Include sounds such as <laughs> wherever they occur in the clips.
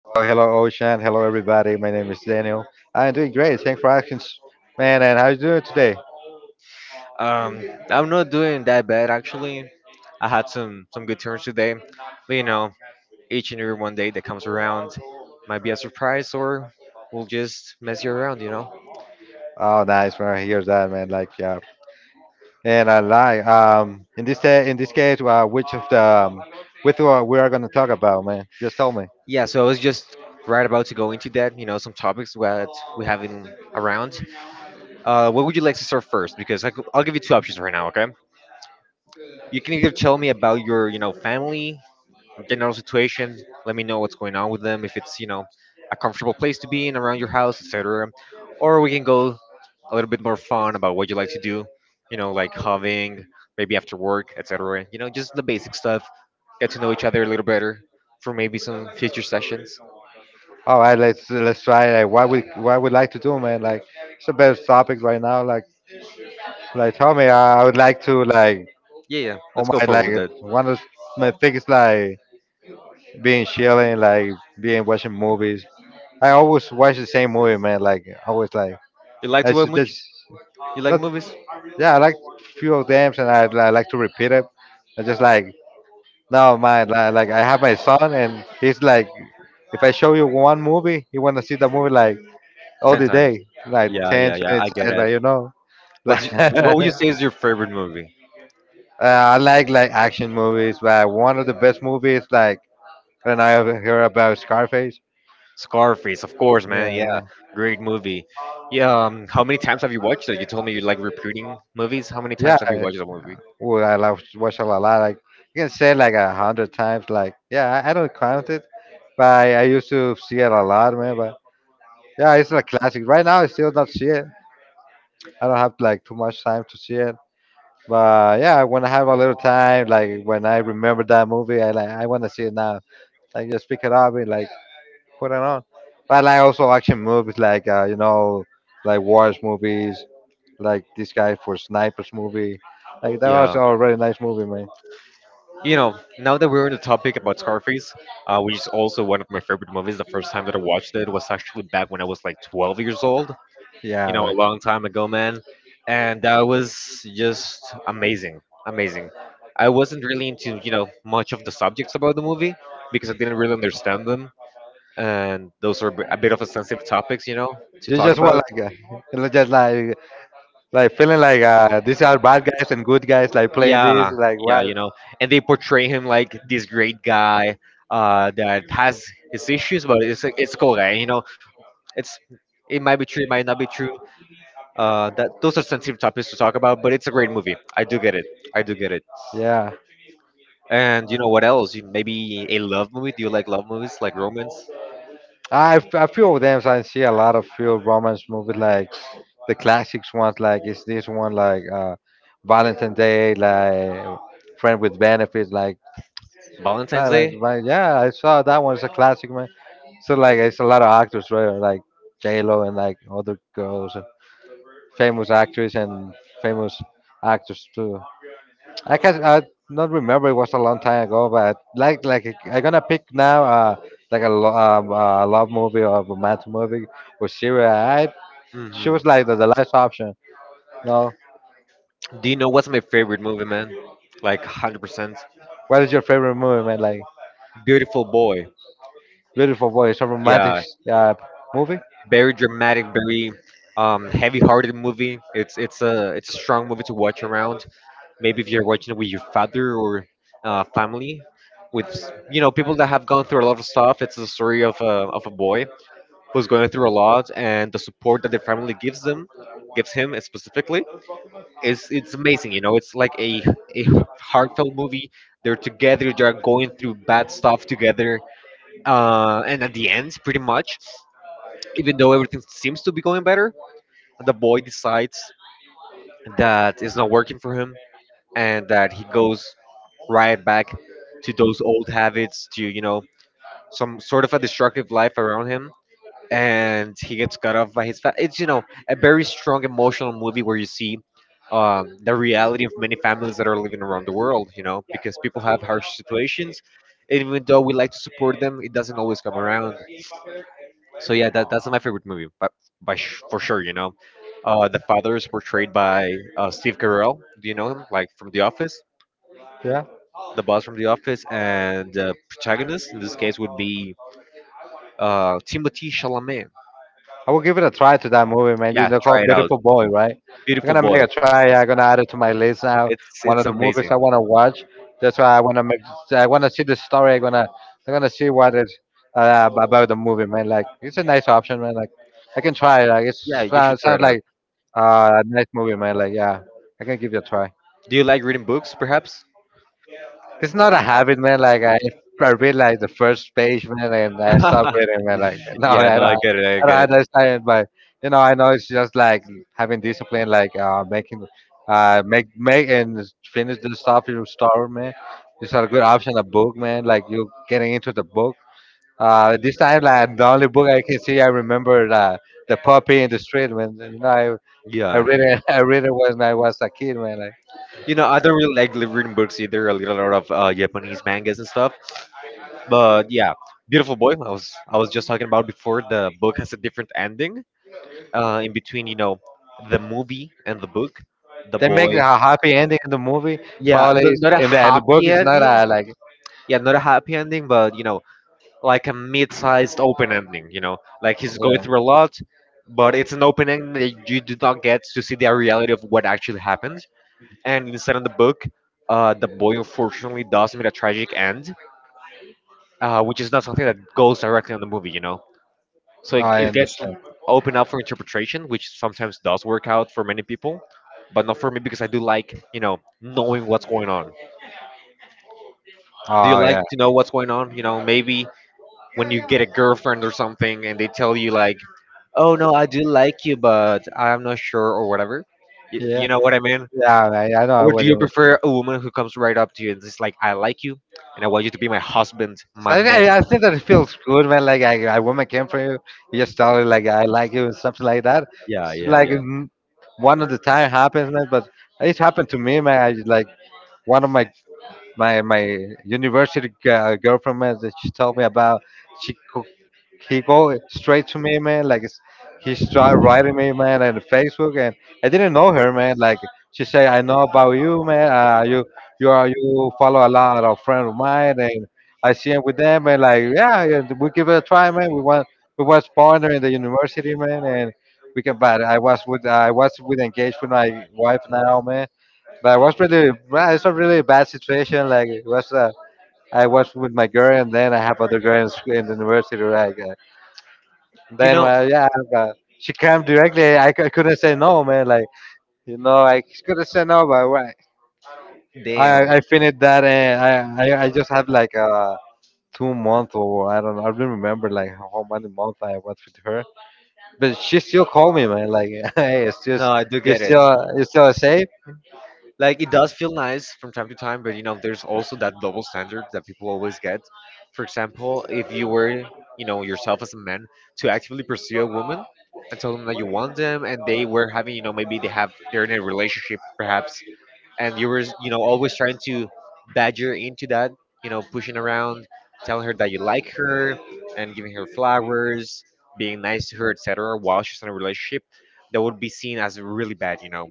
Hello, hello, Ocean. Hello, everybody. My name is Daniel. I'm doing great. Thanks for asking, man. And how you doing today? Um, I'm not doing that bad actually. I had some good turns today, but you know, each and every one day that comes around might be a surprise or will just mess you around. You know? Oh, nice, man. Here's that, man. Like, yeah. And I like in this in this case, which of the which one we are gonna talk about, man? Just tell me. Yeah. So I was just right about to go into that. You know, some topics that we have in around. What would you like to start first? Because I will give you two options right now. Okay. You can either tell me about your, you know, family general situation. Let me know what's going on with them. If it's, you know, a comfortable place to be in around your house, etc. Or we can go a little bit more fun about what you like to do. You know, like having maybe after work, etc. You know, just the basic stuff. Get to know each other a little better for maybe some future sessions. All right, let's try. Like, what we like to do, man? Like, it's the best topic right now. Like tell me, I would like to like. Yeah, yeah. Oh Let's go my, forward like with that. one of my things, like. Being chilling, like being watching movies. I always watch the same movie, man. Like always, like You like to watch much? just You like not. movies? Yeah, I like few of them, and I like to repeat it. I just like no, man. Like I have my son, and he's like, if I show you one movie, he wanna see the movie like all Ten the times. day, like Yeah, 10, yeah, yeah. 20 I get times, but it. you know, <laughs> What would you like. say is your favorite movie? I like action movies, but one of the best movies like when I ever hear about Scarface. Scarface, of course, man. Yeah, Yeah, man. great movie. Yeah, how many times have you watched it? You told me you like repeating movies. How many Yeah, times have you watched the movie? well, I love watch a lot. Like you can say it like 100 times. Like yeah, I don't count it, but I used to see it a lot, man. But yeah, it's a classic. Right now, I still not see it. I don't have like too much time to see it. But yeah, when I have a little time, like when I remember that movie, I like I want to see it now. Like just pick it up and like put it on. But like also action movies, like you know, like wars movies, like this guy for snipers movie. Like that was Yeah, a really nice movie, man. you know, now that we're on the topic about Scarface, which is also one of my favorite movies, the first time that I watched it was actually back when I was like 12 years old. You know, Yeah, a long time ago, man. And that was just amazing, amazing. I wasn't really into, you know, much of the subjects about the movie because I didn't really understand them. And a bit of a sensitive topics, you know, to you talk just want about. like, <laughs> you know, just like feeling like these are bad guys and good guys, like playing this, Yeah, like yeah, well, you know, and they portray him like this great guy that has his issues, but it's a cool guy, you know. It's, it might be true, it might not be true. That those are sensitive topics to talk about, but it's a great movie. I do get it. I do get it. yeah. And you know what else? Maybe a love movie. Do you like love movies, like romance, I few of them. So I see a lot of few romance movies like the classics ones. Like is this one like Valentine's Day, like Friend with Benefits. Like Valentine's Like, like, Day? man, yeah, I saw that one. It's a classic, man. So like, it's a lot of actors, right? Like J Lo and like other girls, famous actors and famous actors too. I can I not remember. It was a long time ago, but like I'm gonna pick now. Like a love movie or a romantic movie or serial. I Hmm. choose like the last option. No, Do you know what's my favorite movie, man? Like 100%. what is your favorite movie, man? Like Beautiful Boy. Beautiful Boy, it's a romantic Yeah, uh, movie. very dramatic, very heavy-hearted movie. It's a strong movie to watch around. Maybe if you're watching it with your father or family, with you know, people that have gone through a lot of stuff. It's the story of a boy who's going through a lot, and the support that the family gives them gives him specifically is, it's amazing. You know, it's like a heartfelt movie. They're together. They're going through bad stuff together, and at the end, pretty much even though everything seems to be going better, the boy decides that it's not working for him and that he goes right back to those old habits to, you know, some sort of a destructive life around him, and he gets cut off by his it's, you know, a very strong emotional movie where you see the reality of many families that are living around the world, you know, because people have harsh situations, and even though we like to support them, it doesn't always come around. So yeah, that's my favorite movie, but by for sure, you know. The father is portrayed by Steve Carell. Do you know him? Like from The Office, Yeah. the boss from The Office, and the protagonist in this case would be Timothy Chalamet. I will give it a try to that movie, man. You Yeah, know, try called it out. Beautiful Boy, right? I'm Beautiful gonna make Boy. a try. Yeah, I'm gonna add it to my list now. It's One of it's the movies amazing. I wanna watch. That's why I wanna make. I wanna see the story. I'm gonna. I'm gonna see what it about the movie, man. Like it's a nice option, man. Like I can try. It. Like it's Yeah, it you should sounds try sounds it out. like a nice movie, man. Like yeah, I can give it a try. Do you like reading books, perhaps? It's not a habit, man. Like I read like the first page, man, and I stopped <laughs> reading, man. Like <laughs> no, Yeah, no, I get it. I I don't get it. understand it, but you know, I know it's just like having discipline, like making, make and finish the stuff you start, man. It's a good option, a book, man. Like you getting into the book. This time, like the only book I can see, I remember the puppy in the street, man. You know, I Yeah. read it, <laughs> I read it when I was a kid, man. Like, You know, I don't really like reading books either. I read a lot of Japanese mangas and stuff. But yeah, Beautiful Boy. I was just talking about before. The book has a different ending. In between, you know, the movie and the book, the they make boy. a happy ending in the movie. Yeah, Probably not a in the book, happy it's not. ending. I like. Yeah, not a happy ending, but you know, like a mid-sized open ending. You know, like he's going through a lot, but Yeah, it's an open ending that you do not get to see the reality of what actually happened. And instead of the book, the boy unfortunately does meet a tragic end, which is not something that goes directly on the movie. You know. So it, I it gets understand. open up for interpretation, which sometimes does work out for many people, but not for me, because I do like, you know, knowing what's going on. Do you Oh like yeah, to know what's going on, you know, maybe when you get a girlfriend or something and they tell you like, oh no, I do like you, but I'm not sure, or whatever. you, yeah, you know what I mean? yeah. Man, I know Or do what you you. prefer a woman who comes right up to you and is like, I like you, and I want you to be my husband, So my man. I think that it feels good, man. Like I, a woman came for you, you just tell her like I like you, something like that. Yeah, It's yeah, like yeah. One of the time happens, man. But it happened to me, man. I like one of my university girlfriend man, that she told me about. She co- he go straight to me, man. Like it's, he started writing me, man, on Facebook, and I didn't know her, man. Like she said, I know about you, man. You you are you follow a lot of friends of mine, and I see him with them and like, yeah, yeah, we give it a try, man. We want we was partner in the university, man, and we can. But I was with engaged with my wife now, man. But I was really, well, it's a really bad situation. Like it was, I was with my girl, and then I have other girl in, school, in the university. Like You then know. my yeah, uh, she came directly. I couldn't say no, man. Like you know, I couldn't say no, but why? Damn. I finished that and I just have like 2 months or I don't know. I don't remember like how many months I was with her, but she still called me, man. Like, <laughs> hey, it's just No, I do get it. You still safe. Like it does feel nice from time to time, but you know, there's also that double standard that people always get. For example, if you were, you know, yourself as a man to actively pursue a woman and tell them that you want them, and they were having, you know, maybe they have, they're in a relationship perhaps, and you were, you know, always trying to badger into that, you know, pushing around, telling her that you like her and giving her flowers, being nice to her, etc., while she's in a relationship, that would be seen as really bad, you know.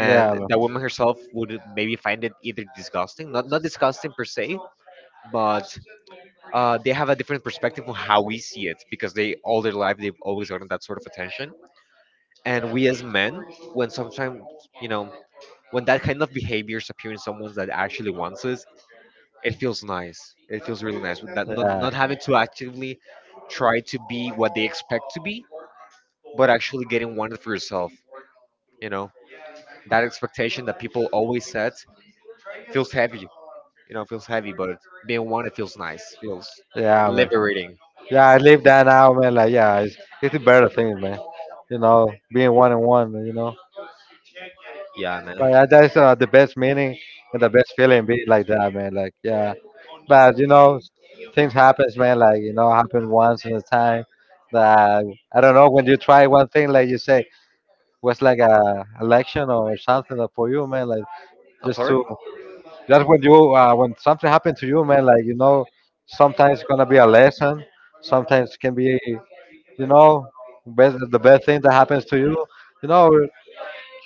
Yeah, bro. the woman herself would maybe find it either disgusting, not disgusting per se, but they have a different perspective on how we see it, because they, all their life they've always gotten that sort of attention. And we as men, when sometimes, you know, when that kind of behaviors appear in someone that actually wants us, it feels nice. It feels really nice. With that, not Yeah. not having to actively try to be what they expect to be, but actually getting wanted for yourself. You know, that expectation that people always set feels heavy. You know, feels heavy, but being wanted feels nice. Feels Yeah, man. liberating. Yeah, I live that now, man. Like, yeah, it's a better thing, man. You know, being one and one. You know, Yeah, man. like that's the best meaning and the best feeling. Be like that, man. Like, yeah. But you know, things happens, man. Like you know, happen once in a time. That I don't know when you try one thing, like you say, was like a election or something for you, man. Like I'm just sorry. to just when you when something happened to you, man, like you know, sometimes it's gonna be a lesson. Sometimes it can be, you know, best, the best thing that happens to you. You know,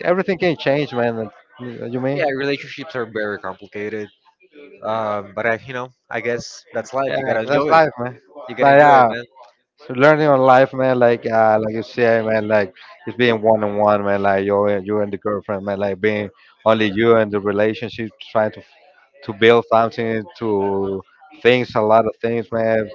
everything can change, man. You mean? Yeah, relationships are very complicated. But I, you know, I guess that's life. You Yeah, gotta that's enjoy it. life, man. You gotta But enjoy it, yeah. man. So learning on life, man, like you say, man, like it's being one on one, man, like you and you and the girlfriend, man, like being only you and the relationship, trying to build something, to things, a lot of things, man.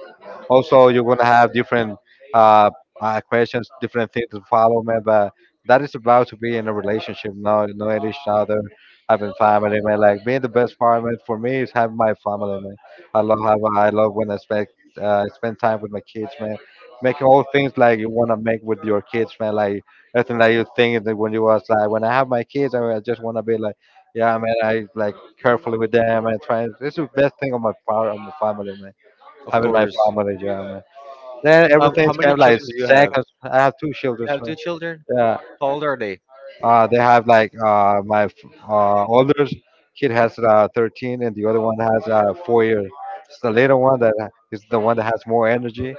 Also, you're gonna have different uh, questions, different things to follow, man. But that is about to be in a relationship, now knowing each other, having family, man. Like being the best part, man, for me is having my family, man. I love having, I love when I spend spend time with my kids, man, making all things like you want to make with your kids, man. Like everything that you think that when you was like, when I have my kids, I just want to be like, yeah, man. I like carefully with them and trying. This is the best thing on my part of my family, man. Of Having my course. family, yeah, man. Then How everything's kind many of like children do you have? seconds. I have two You children, have man. two children? Yeah, How old are they? They have like older kid has 13, and the other one has 4 years. It's the little one that is the one that has more energy.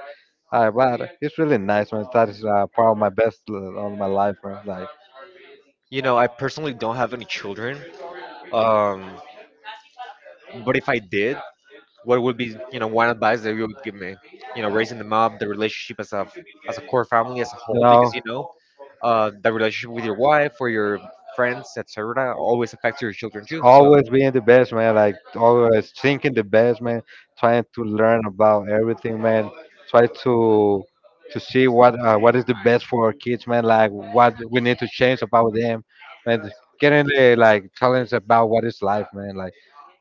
All right, but it's really nice, man. That is part of my best of my life, man. Like, You know, I personally don't have any children. Um, but if I did, what would be, you know, one advice that you would give me? You know, raising them up, the relationship as a core family as a you whole, know, because you know, the relationship with your wife or your friends, et cetera, always affects your children too. So, always being the best, man. Like, always thinking the best, man. Trying to learn about everything, man. Try to see what is the best for our kids, man. Like, what we need to change about them, man. Getting the like challenge about what is life, man. Like.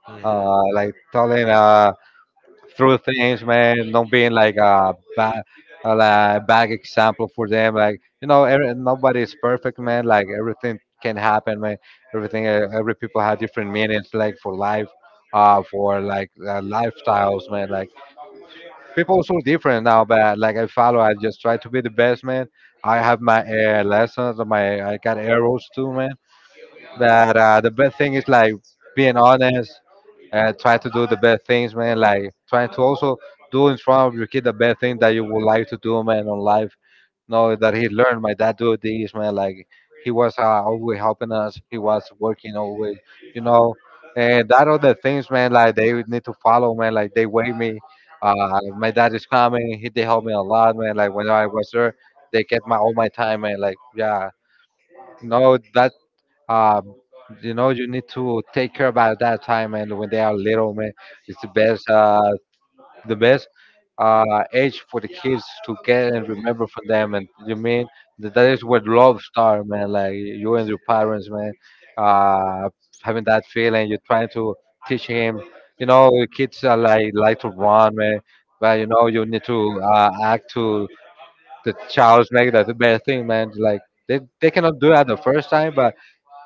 mhm. Like telling through things, man, not being like a bad, like bad example for them. Like you know, every, nobody is perfect, man. Like everything can happen, man. Everything, every people have different meanings, like for life, for like lifestyles, man. Like people are so different now, but like I follow, I just try to be the best, man. I have my lessons, my I got arrows too, man. But the best thing is like being honest and try to do the best things, man. Like trying to also do in front of your kid the best thing that you would like to do, man, on life. Know that he learned my dad do this, man. Like he was always helping us. He was working always, you know. And that are the things, man. Like they would need to follow, man. Like they wake me. My dad is coming. He they help me a lot, man. Like when I was there, they get my all my time, man. Like yeah, you know that um, you know, you need to take care about that time, and when they are little, man, it's the best, the best age for the kids to get and remember from them. And you mean that is where love starts, man. Like you and your parents, man, uh, having that feeling, you're trying to teach him. You know, kids are like to run, man, but you know, you need to act to the child's make that the best thing, man. Like they cannot do that the first time, but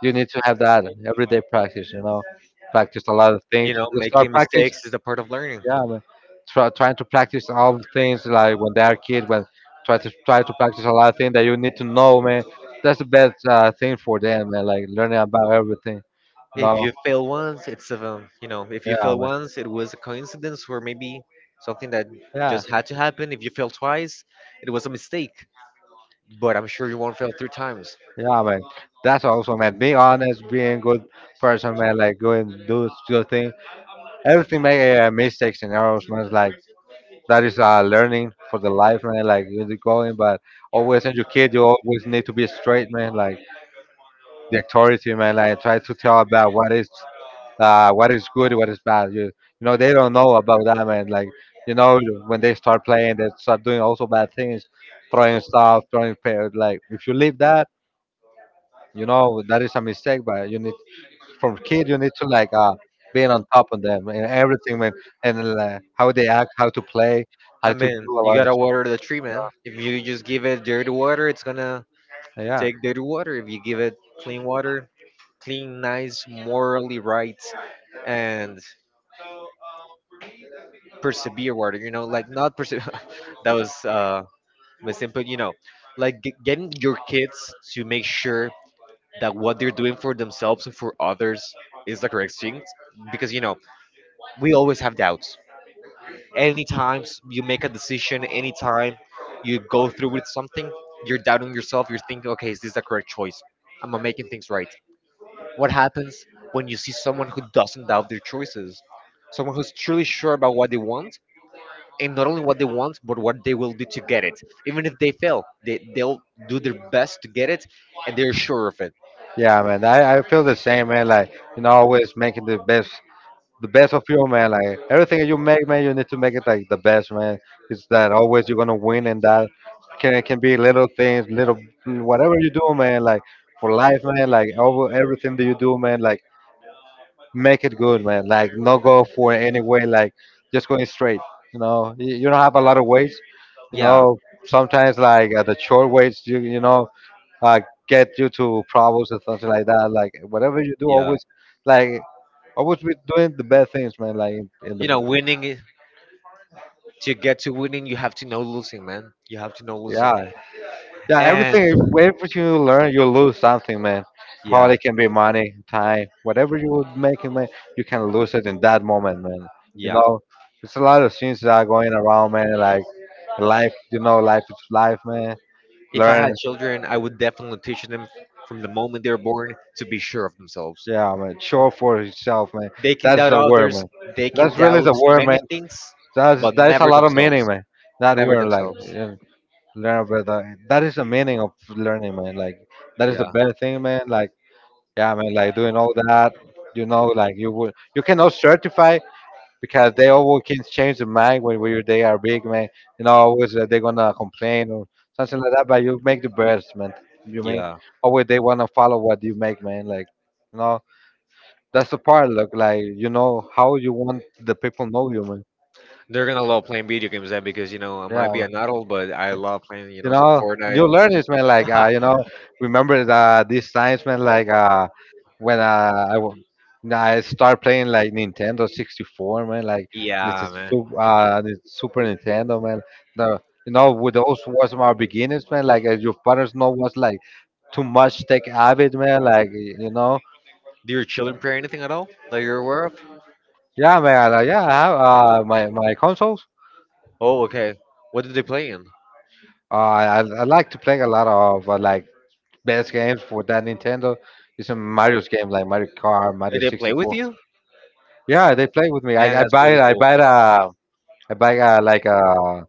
you need to have that everyday practice. You know, practice a lot of things. You know, You start making practice. mistakes is a part of learning. Yeah, man. Trying to practice all the things like when they are kids. When try to practice a lot of things that you need to know, man. That's the best thing for them, man. Like learning about everything. You If know. you fail once, it's a, you know, if you Yeah, fail man. once, it was a coincidence, or maybe something that Yeah, just had to happen. If you fail twice, it was a mistake. But I'm sure you won't fail three times. yeah, man. That's also, man. Being honest, being good person, man. Like going do good thing. Everything make mistakes and errors, man. Like that is learning for the life, man. Like you're going, but always as your kid, you always need to be straight, man. Like the authority, man. Like try to tell about what is good, what is bad. You know they don't know about that, man. Like you know when they start playing, they start doing also bad things, throwing stuff, like if you leave that, you know that is a mistake. But you need from kid, you need to like being on top of them and everything, man. And how they act, how to play, how I to mean, do a you lot of. gotta water the tree, man. If you just give it dirty water, it's gonna Yeah. take dirty water. If you give it clean water, clean, nice, morally right, and persevere water. You know, like not persevere. <laughs> That was misinput. You know, like getting your kids to make sure that what they're doing for themselves and for others is the correct thing, because you know, we always have doubts. Anytime you make a decision, anytime you go through with something, you're doubting yourself. You're thinking, okay, is this the correct choice? Am I making things right? What happens when you see someone who doesn't doubt their choices, someone who's truly sure about what they want, and not only what they want, but what they will do to get it? Even if they fail, they'll do their best to get it, and they're sure of it. Yeah, man. I feel the same, man. Like, you know, always making the best of you, man. Like everything that you make, man, you need to make it like the best, man. It's that always you're gonna win and that can be little things, little whatever you do, man, like for life, man, like over everything that you do, man, like make it good, man. Like no go for any way, like just going straight. You know, you don't have a lot of weights. You Yeah. know, sometimes like at the short weights, you know, uh, get you to problems and something like that. Like whatever you do, always like always be doing the best things, man. Like in You know, the to get to winning, you have to know losing, man. You have to know losing. yeah, yeah, And everything. Everything you learn, you lose something, man. yeah, Probably can be money, time, whatever you would make it, man. You can lose it in that moment, man. You yeah. know, it's a lot of things that are going around, man. Like life, you know, life is life, man. If I had Learn, children, I would definitely teach them from the moment they're born to be sure of themselves. yeah, man. Show for yourself, man. They can That's doubt the word, others, man. they can That's really doubt the word, man. many things, That's but that is a never lot of meaning, themselves. man. That Never word, like, themselves. yeah, learn about that. That is the meaning of learning, man. Like, that is the Yeah. best thing, man. Like, yeah, man. Like doing all that, you know, like you would, you cannot certify because they always can change their mind when they are big, man. You know, always they're gonna complain or something like that. But you make the best, man. You mean Yeah, always they wanna follow what you make, man. Like, you know, that's the part. Look, like you know how you want the people know you, man. they're gonna love playing video games then, because you know, I Yeah, might be an adult, but I love playing, you you know, some know you Fortnite. learn this man like <laughs> you know remember the, these times man like when uh, I w- when I start playing like Nintendo 64 man like Yeah, man. The Super Nintendo man the you know with those was my beginnings man like as your partners know was like too much tech avid man like you know Do your children play anything at all that you're aware of? yeah man yeah I have my my consoles Oh, okay. What did they play in? I like to play a lot of like best games for that Nintendo is some Mario's game like Mario Kart, Did Mario they play with 64. you? Yeah, they play with me. Man, that's really cool. I buy a, like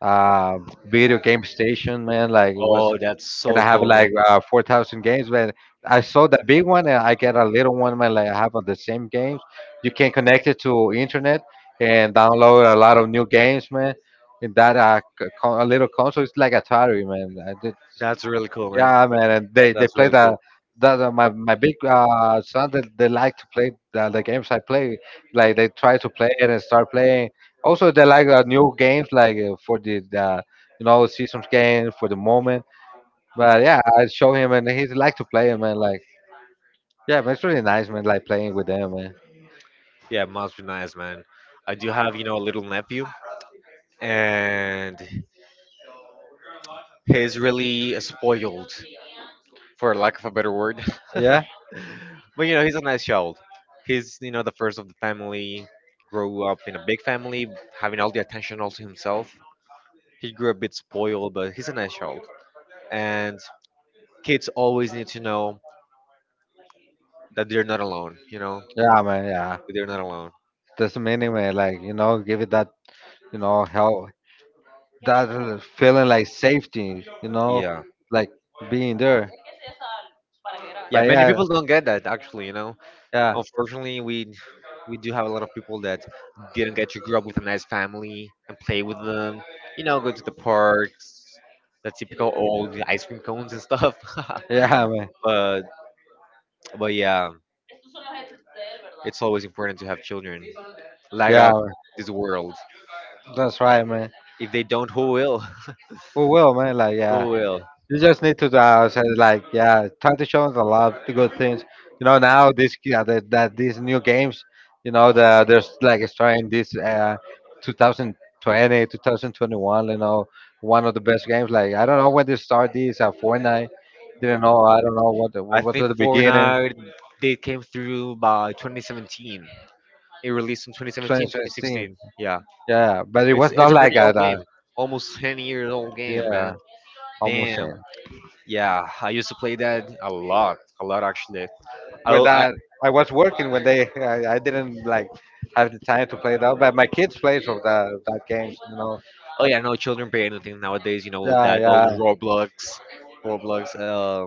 a video game station, man. Like it was, Oh, that's and so I have cool, man. like 4,000 games. Man, I saw the big one and I get a little one, man. Like I have the same games. You can connect it to internet and download a lot of new games, man. In that a little console, it's like Atari, man. I did That's really cool, man. yeah, man, and they That's play really the cool. that my my big son that they like to play the games I play. Like they try to play it and start playing. Also, they like new games like for the you know seasons game for the moment. But yeah, I show him and he like to play it, man. Like yeah, man, it's really nice, man. Like playing with them, man. Yeah, it must be nice, man. I do have, you know, a little nephew, and he's really spoiled, for lack of a better word. <laughs> But Yeah, you know, he's a nice child. He's you know the first of the family, grew up in a big family, having all the attention all to himself. He grew a bit spoiled, but he's a nice child. And kids always need to know that they're not alone. You know, yeah, man, yeah. they're not alone. That's the meaning, man. Like you know, give it that you know help. That feeling like safety, you know, Yeah. like being there. Yeah, But many yeah, people don't get that actually, you know, yeah, unfortunately we do have a lot of people that didn't get to grow up with a nice family and play with them, you know, go to the parks, the typical old ice cream cones and stuff. <laughs> yeah, man, <laughs> but but yeah, it's always important to have children light yeah, up man. this world. That's right, man. If they don't, who will? Oh well, man, like <laughs> yeah, Who will? you just need to say like, yeah, try to show them a lot of good things. You know, now this yeah, that these new games, you know, the, there's like it's trying this 2020, 2021. You know, one of the best games. Like I don't know when they start this Fortnite, didn't know. I don't know what the- I what was think the beginning. Fortnite, they came through by 2017. It released in 2017, 2016. 2016, yeah. Yeah, but it It's was not it's a like pretty at old game, almost 10 years old game, yeah, man. almost same. Damn. Yeah, I used to play that a lot actually. I, With I that I was working when they I didn't like have the time to play that, but my kids play some of that games, you know. Oh Uh, yeah, no, children play anything nowadays. You know, yeah, that yeah, old Roblox, Roblox.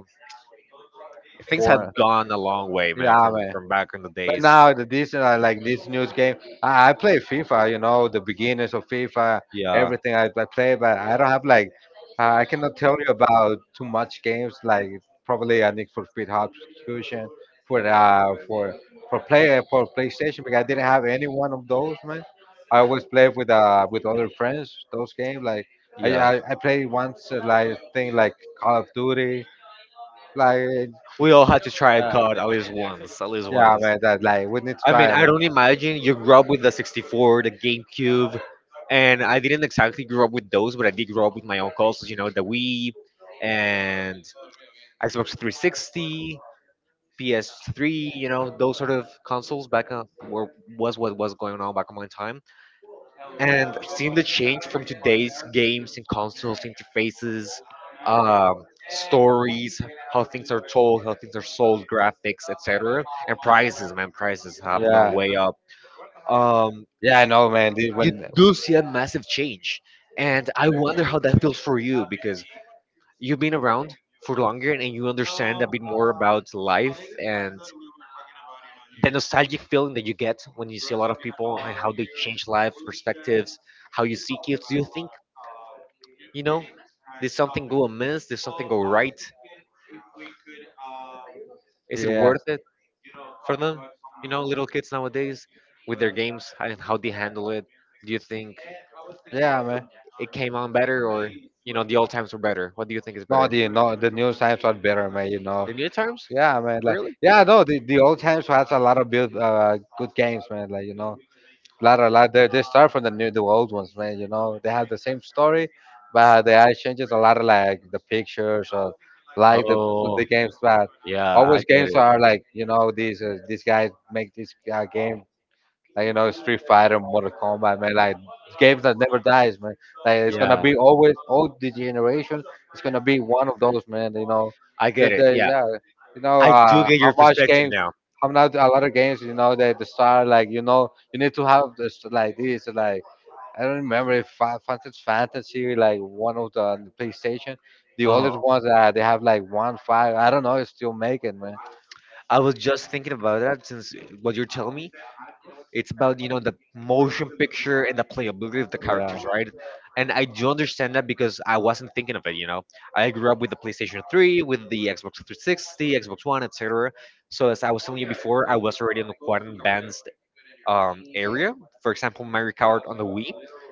Things have for gone a long way, man, yeah, from man. from back in the But days. now the this like this news game, I play FIFA. You know the beginners of FIFA, Yeah, everything I play, but I don't have like I cannot tell you about too much games like probably a Need for Speed Hot Fusion for uh for for play for PlayStation because I didn't have any one of those man. I always play with other friends those games like yeah. I play once like thing like Call of Duty like We all had to try a uh, card at least once, at least yeah once. man that like we need to I mean, try it, I man. don't imagine you grew up with the 64, the GameCube, and I didn't exactly grow up with those, but I did grow up with my own consoles, you know, the Wii and Xbox 360, PS3, you know, those sort of consoles back were was what was going on back on my time. And seeing the change from today's games and consoles, interfaces, stories, how things are told, how things are sold, graphics, etc., and prices, man, prices have gone Yeah. way up, um, Yeah, I know, man. They- you When do see a massive change. And I wonder how that feels for you because you've been around for longer and you understand a bit more about life, and the nostalgic feeling that you get when you see a lot of people and how they change life perspectives, how you see kids. Do you think, you know, did something go amiss? Did something go right? Is it yeah, worth it for them? You know, little kids nowadays with their games and how they handle it. Do you think yeah, it, man. it came on better, or you know the old times were better? What do you think is No, better? the no the new times are better, man. You know. The new times, Yeah, man. Like really? yeah, no, the old times has a lot of build good games, man. Like you know. Lot a lot. They start from the new the old ones, man. You know they have the same story, but they add changes a lot of like the pictures or like Oh, the games. But yeah, I always get games it. are like you know these guys make this game like you know, Street Fighter, Mortal Kombat, man. Like games that never dies, man. Like it's gonna Yeah, be always all the generation. It's gonna be one of those, man. You know, I get it. the Yeah, yeah, you know I do get how your much perspective game, now. how not a lot of games. You know, they the star like you know you need to have this like I don't remember if Fantasy like one of the, on the PlayStation. The Oh, oldest ones that they have like one five. I don't know. It's still making man. I was just thinking about that since what you're telling me. It's about you know the motion picture and the playability of the characters, right? And I do understand that because I wasn't thinking of it. You know, I grew up with the PlayStation 3, with the Xbox 360, Xbox One, etc. So as I was telling you before, I was already in the quite advanced area. For example, Mario Kart on the Wii,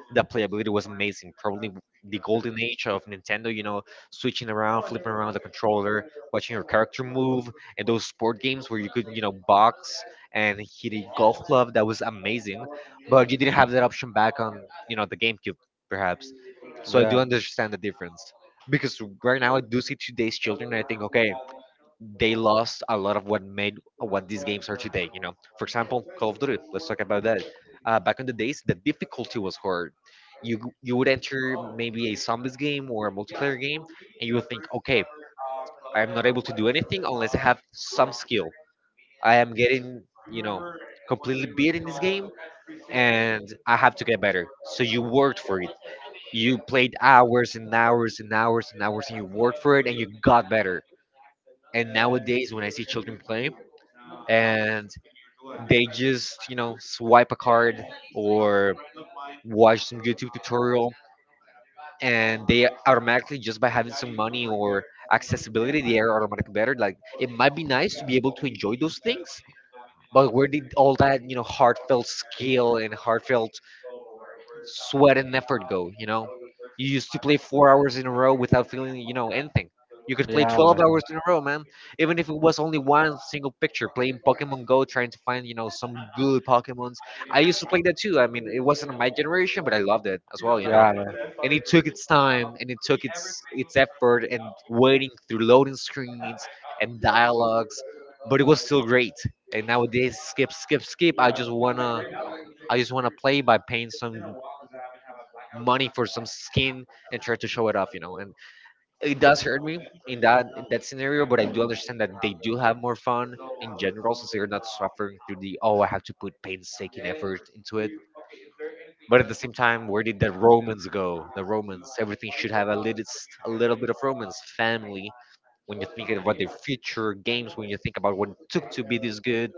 the playability was amazing. Probably the golden age of Nintendo. You know, switching around, flipping around the controller, watching your character move, and those sport games where you could, you know, box and hit a golf club. That was amazing. But you didn't have that option back on, you know, the GameCube, perhaps. So I do understand the difference because right now I do see today's children. And I think, okay, they lost a lot of what made what these games are today. You know, for example, Call of Duty. Let's talk about that. Back in the days, the difficulty was hard. You you would enter maybe a zombies game or a multiplayer game, and you would think, okay, I am not able to do anything unless I have some skill. I am getting, you know, completely beat in this game, and I have to get better. So you worked for it. You played hours and hours and hours and hours, and you worked for it, and you got better. And nowadays, when I see children playing, and they just you know swipe a card or watch some YouTube tutorial, and they automatically, just by having some money or accessibility, they are automatically better. Like, it might be nice to be able to enjoy those things, but where did all that you know heartfelt skill and heartfelt sweat and effort go, you know? You used to play 4 hours in a row without feeling, you know, anything. You could play 12 hours in a row, man. Even if it was only one single picture, playing Pokemon Go, trying to find, you know, some good Pokemons. I used to play that too. I mean, it wasn't my generation, but I loved it as well, you know? Yeah, man. And it took its time and it took its effort and waiting through loading screens and dialogues, but it was still great. And nowadays, skip, skip, skip. I just wanna I just want to play by paying some money for some skin and try to show it off, you know. And it does hurt me in that scenario, but I do understand that they do have more fun in general since they're not suffering through the oh I have to put painstaking effort into it. But at the same time, where did the romance go? The romance, everything should have a little bit of romance. Family, when you're thinking about their future, games, when you think about what it took to be this good,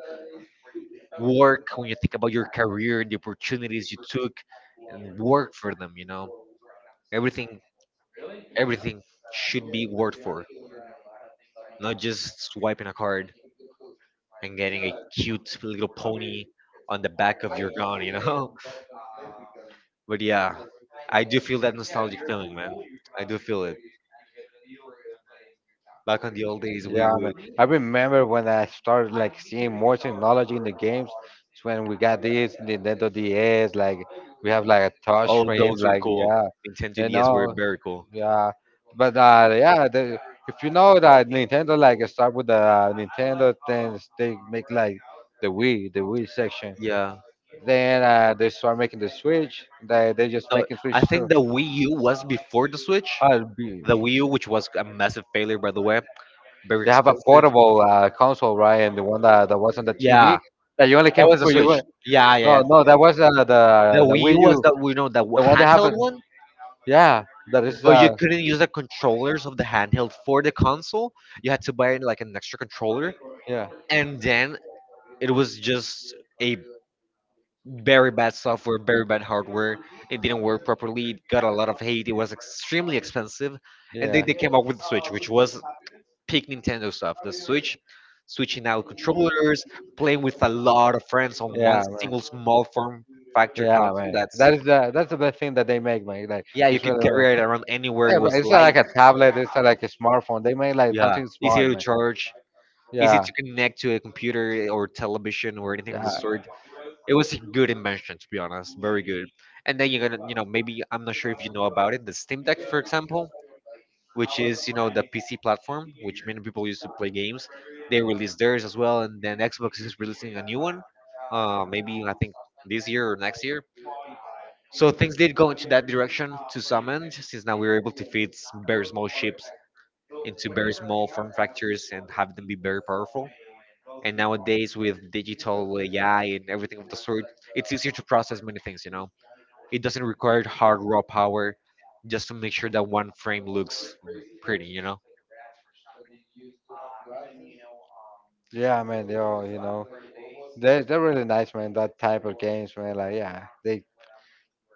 work, when you think about your career, the opportunities you took, and work for them, you know, everything. Everything should be worked for, not just swiping a card and getting a cute little pony on the back of your gun, you know? <laughs> But yeah, I do feel that nostalgic feeling, man. I do feel it. Back on the old days, we Yeah, man. would, I remember when I started like seeing more technology in the games. It's when we got this Nintendo DS, like we have like a touch oh, screen, those were like cool. yeah, Nintendo you DS were know, very cool. yeah. But yeah, the, if you know that Nintendo like start with the Nintendo, then they make like the Wii section. Yeah. Then they start making the Switch. They just No, making Switch I too. think the Wii U was before the Switch. Uh, be- The Wii U, which was a massive failure, by the way, very They have a expensive. portable console, right? And the one that was on the Yeah, TV that you only that can was the put you. Switch. Yeah, yeah, No, no, that yeah. was The the Wii Wii U was U, that we know the the one that handheld happened. one. Yeah, that is. But you couldn't use the controllers of the handheld for the console. You had to buy like an extra controller, Yeah, and then it was just a very bad software, very bad hardware. It didn't work properly. It got a lot of hate. It was extremely expensive, and then yeah. they came up with the Switch, which was peak Nintendo stuff. The Switch, switching out controllers, playing with a lot of friends on one Yeah, man. single small form factor Yeah, console. man. That's That is the that's the best thing that they make, man. Like yeah, you it's could really, really. carry it around anywhere. It Yeah, but was it's not light. like a tablet. It's not like a smartphone. They made like Yeah, something small, easy to man. charge, easy Yeah, to connect to a computer or television or anything of the yeah, sort. It was a good invention, to be honest, very good. And then you're gonna, you know, maybe I'm not sure if you know about it, the Steam Deck, for example, which is you know the PC platform, which many people use to play games. They released theirs as well, and then Xbox is releasing a new one, maybe I think this year or next year. So things did go into that direction to some end, since now we were able to fit very small ships into very small form factors and have them be very powerful. And nowadays, with digital AI and everything of the sort, it's easier to process many things, you know? It doesn't require hard raw power just to make sure that one frame looks pretty, you know? yeah, man. Yo, you know, they're really nice, man. That type of games, man. Like, yeah, they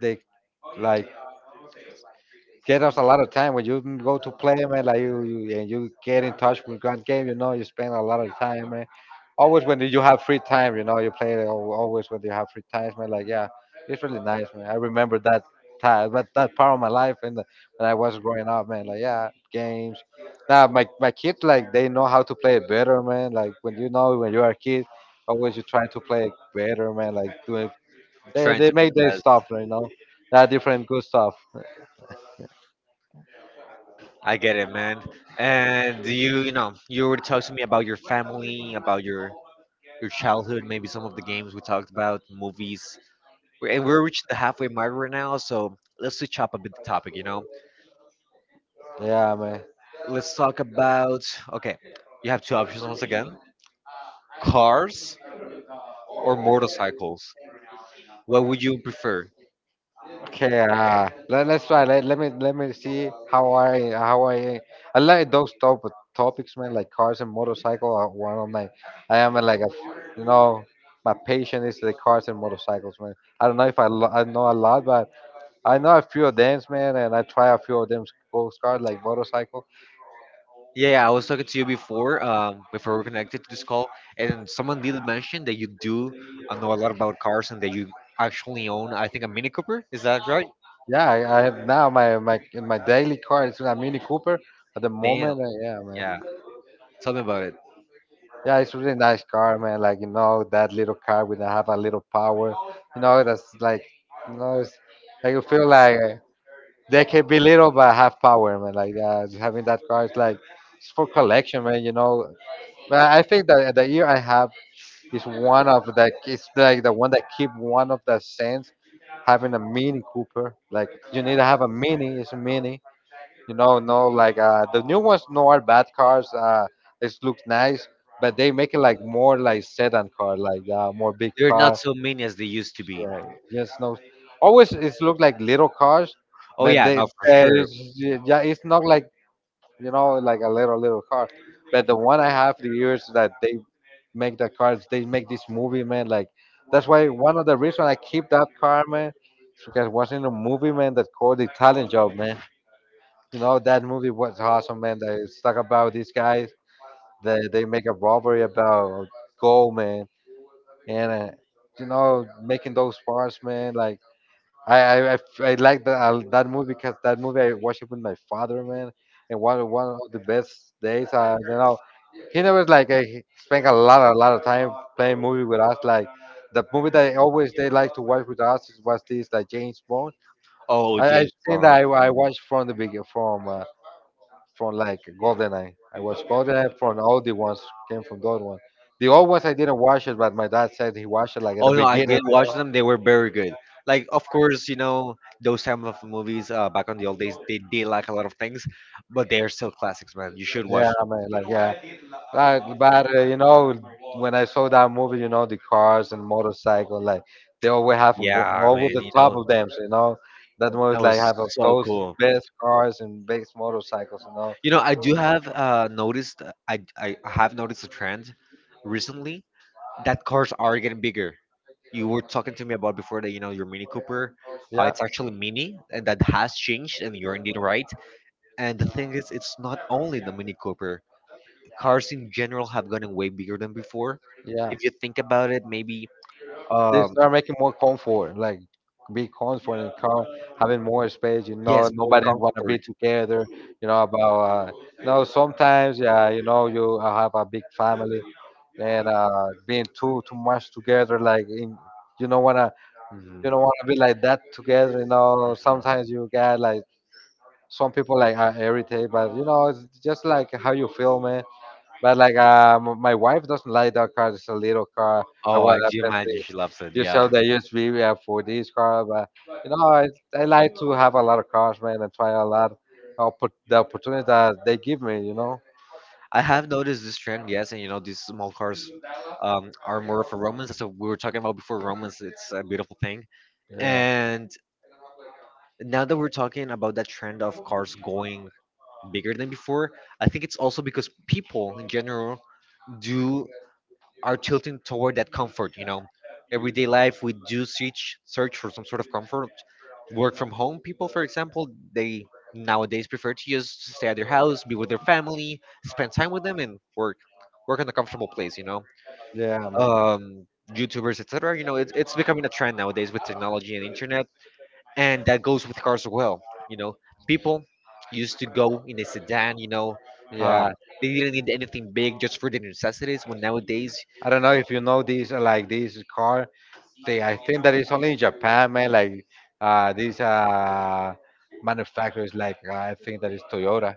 they like get us a lot of time when you go to play, man. Like you and you get in touch with grand game, you know, you spend a lot of time, man. Always when you have free time, you know, you play always when you have free time, man. Like yeah, it's really nice, man. I remember that that part of my life, and when I was growing up, man. Like, yeah, games now. My kids, like, they know how to play it better, man. Like, when you know, when you are a kid, always you try to play it better, man. Like doing, I'm they trying they to be make the their best. stuff, you know. They are different good stuff. I get it, man. And you know, you already talked to me about your family, about your childhood, maybe some of the games we talked about, movies. And we're reaching the halfway mark right now, so let's switch up a bit the topic, you know? Yeah, man. Let's talk about okay, you have two options once again, cars or motorcycles. What would you prefer? Okay, let's try. Let me see how I like those topics, man. Like cars and motorcycle are one of my. I am like you know, my passion is the cars and motorcycles, man. I don't know if I I know a lot, but I know a few of them, man, and I try a few of them, those cars like motorcycle. Yeah, yeah, I was talking to you before, before we connected to this call, and someone did mention that you do know a lot about cars and that you actually own, I think, a Mini Cooper. Is that right? Yeah, I have now my my daily car is a Mini Cooper at the Damn, moment. Yeah, man. yeah. Tell me about it. Yeah, it's really nice car, man. Like, you know, that little car with have a little power. You know, that's like, you know, like you feel like they can be little but have power, man. Like yeah, just having that car is like it's for collection, man. You know, but I think that the year I have is one of the, it's like the one that keep one of the sense having a Mini Cooper. Like you need to have a Mini. It's a Mini, you know, no, like the new ones no are bad cars. It looks nice, but they make it like more like sedan car, like more big There are car. not so many as they used to be. Yeah, just no. Always it's look like little cars, Oh but yeah, they no, for sure. there's yeah, it's not like, you know, like a little little car. But the one I have, the years that they make the cars, they make this movie, man. Like that's why one of the reasons I keep that car, man, is because it was in a movie, man, that called the Italian Job, man. You know that movie was awesome, man. That it's talk about these guys that they make a robbery about gold, man, and you know, making those parts, man. Like I like that that movie, because that movie I watched it with my father, man, and one of the best days. You know, he never like he spent a lot of time playing movie with us. Like the movie that always they like to watch with us was this like James Bond. Oh, I James think that Bond. I watched from the beginning from. From like GoldenEye. I watched GoldenEye from all the ones came from those ones. The old ones I didn't watch it, but my dad said he watched it like at Oh the no, I beginning. did watch them. They were very good. Like, of course, you know those type of movies back on the old days. They did like a lot of things, but they are still classics, man. You should Yeah, watch. I Them. mean, like yeah, like but you know, when I saw that movie, you know, the cars and motorcycle, like they always have Yeah, always man. the You top know of them, you know. That that movies was like have of so those cool. best cars and best motorcycles, you know. You know, I do have noticed. I have noticed a trend recently that cars are getting bigger. You were talking to me about before that. You know your Mini Cooper. Yeah, It's actually Mini, and that has changed. And you're indeed right. And the thing is, it's not only the Mini Cooper. Cars in general have gotten way bigger than before. yeah. If you think about it, maybe They um start making more comfort, like be comfort and car, having more space. You know, yes, more nobody wanna be comfort. together. You know about you know, sometimes yeah, you know, you have a big family and being too much together, like in, you don't wanna Mhm. you don't wanna be like that together. You know, sometimes you get like some people like are irritated, but you know, it's just like how you feel, man. But like my wife doesn't like that car. It's a little car. I Oh, want I a do imagine Bentley. she loves it. You Yeah, sell the USB we have for this car, but you know I like to have a lot of cars, man, and try a lot. I'll put the opportunity that they give me, you know. I have noticed this trend. Yes, and you know these small cars are more for romance. That's what we were talking about before. Romance, it's a beautiful thing. Yeah, And now that we're talking about that trend of cars going bigger than before, I think it's also because people in general do are tilting toward that comfort. You know, everyday life, we do search for some sort of comfort. Work from home people, for example, they nowadays prefer to just stay at their house, be with their family, spend time with them, and work, work in a comfortable place, you know. yeah, man. um YouTubers, etc. You know, it's becoming a trend nowadays with technology and internet, and that goes with cars as well, you know. People used to go in a sedan, you know. um, Yeah, they didn't need anything big, just for their necessities, when nowadays. I don't know if you know this like this car. I think that it's only in Japan, man. Like these manufacturers, like I think that is Toyota.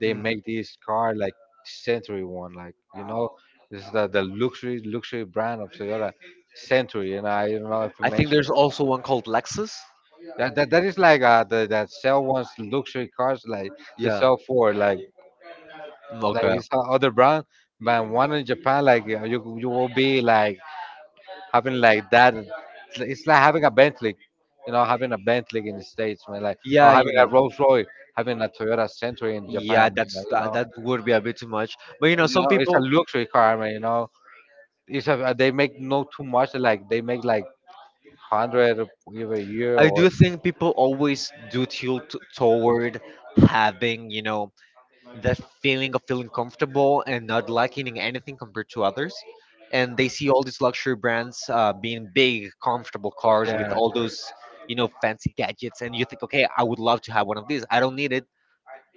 They Mm. make this car like Century one, like you know, this is the luxury luxury brand of Toyota Century. And I don't know if you I think mentioned there's also one called Lexus. That is like that sell ones luxury cars like they Yeah. sell for Mm, like okay. it's a other brand, but one in Japan, like you you will be like having like that. It's like having a Bentley. You know, having a Bentley in the States, man, like or Yeah, you having a know. Rolls Royce, having a Toyota Century in Yeah, Japan, like, that's that, that would be a bit too much. But you know, you some know, it's a people. luxury car, man. You know, it's a, they make no too much like they make like 100 every year I or do think people always do tilt toward having, you know, that feeling of feeling comfortable and not lacking anything compared to others. And they see all these luxury brands being big, comfortable cars with yeah all those, you know, fancy gadgets. And you think, okay, I would love to have one of these. I don't need it,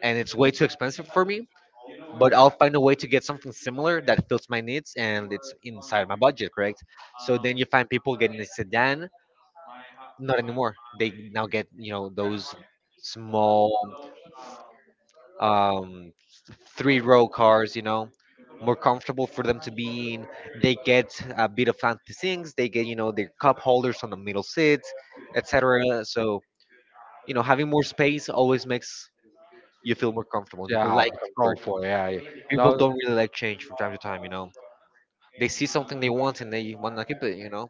and it's way too expensive for me. But I'll find a way to get something similar that fits my needs and it's inside my budget, correct? So then you find people getting a sedan. Not anymore. They now get, you know, those small um, three-row cars. You know, more comfortable for them to be in. They get a bit of fancy things. They get, you know, their cup holders on the middle seats, etc. So you know, having more space always makes you feel more comfortable, and people yeah like it's comfort. comfort yeah you People know. don't really like change from time to time, you know. They see something they want and they want to keep it, you know.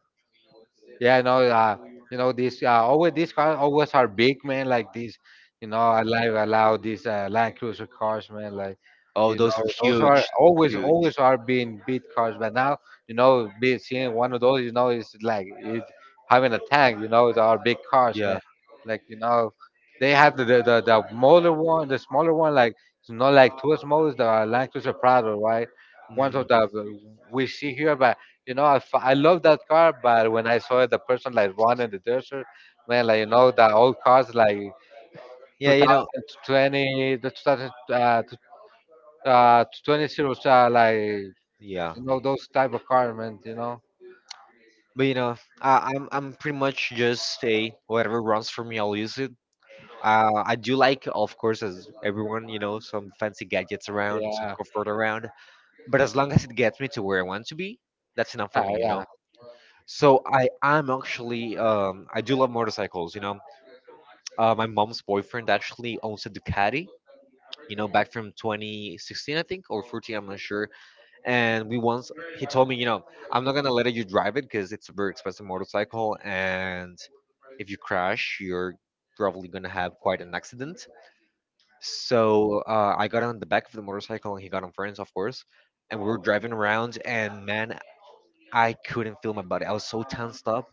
Yeah, no, you know this. Always these cars always are big, man. Like these, you know, I like I love these Land Cruiser cars, man. Like, Oh, you those know, were those are huge. Those were always huge. always are being big cars. But now, you know, be seeing one of those, you know, is like it having a tank. You know, they are big cars, Yeah. man. Like, you know, they have the smaller one, the smaller one. Like it's not like too small is the Land Cruiser Prado, right? Ones Mm. of the we see here, but you know, I love that car, but when I saw the person like one in the desert, man, like you know, the old cars like Yeah, you know. 2020, the 2000, 20 series, like you Yeah, know those type of cars, man. You know, but you know, I'm pretty much just a whatever runs for me, I'll use it. I do like, of course, as everyone, you know, some fancy gadgets around, some yeah, comfort around. But as long as it gets me to where I want to be, that's enough for yeah, me, you know. yeah. So I am actually, I do love motorcycles, you know. My mom's boyfriend actually owns a Ducati, you know, back from 2016, I think, or 14, I'm not sure. And we once, he told me, you know, I'm not gonna let you drive it because it's a very expensive motorcycle, and if you crash, you're probably gonna have quite an accident. So I got on the back of the motorcycle, and he got on friends, of course, and we were driving around, and man, I couldn't feel my body. I was so tensed up.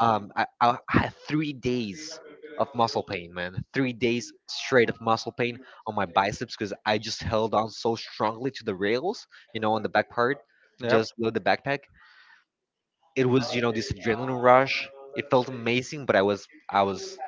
I had 3 days of muscle pain, man. 3 days straight of muscle pain on my biceps because I just held on so strongly to the rails, you know, on the back part, Yep. just below the backpack. It was, you know, this adrenaline rush. It felt amazing, but I was,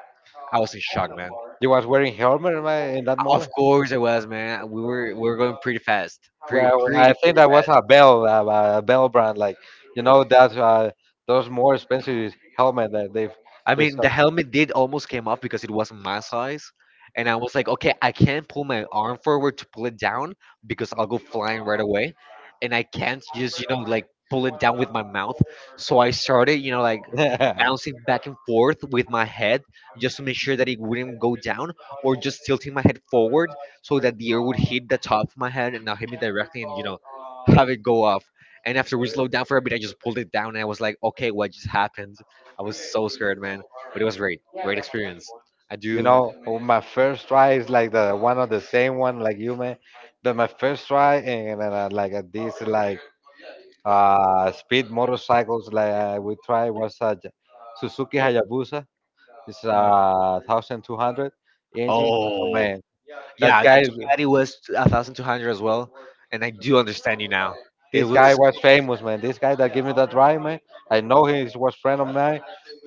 I was in shock, man. You was wearing helmet in that Of moment. course it was, man. We were going pretty fast, pretty Well, I pretty think pretty that was fast. A Bell brand, like you know that those more expensive helmet that I they mean, the sell. helmet did almost came off because it wasn't my size, and I was like, okay, I can't pull my arm forward to pull it down because I'll go flying right away, and I can't just, you know, like pull it down with my mouth. So I started, you know, like <laughs> bouncing back and forth with my head just to make sure that it wouldn't go down, or just tilting my head forward so that the air would hit the top of my head and not hit me directly, and, you know, have it go off. And after we slowed down for a bit, I just pulled it down, and I was like, okay, what just happened? I was so scared, man. But it was great, great experience. I You do. know, oh, my first try is like the one of the same one like you, man. But my first try and like this like speed motorcycles like we tried was a Suzuki Hayabusa. It's Mm, a 1200 engine. Oh oh, man, that yeah, guy that is, Ducati, it was 1,200 as well, and I do understand you now. It this guy was, was famous, man. This guy that gave me that ride, man. I know he was friend of mine.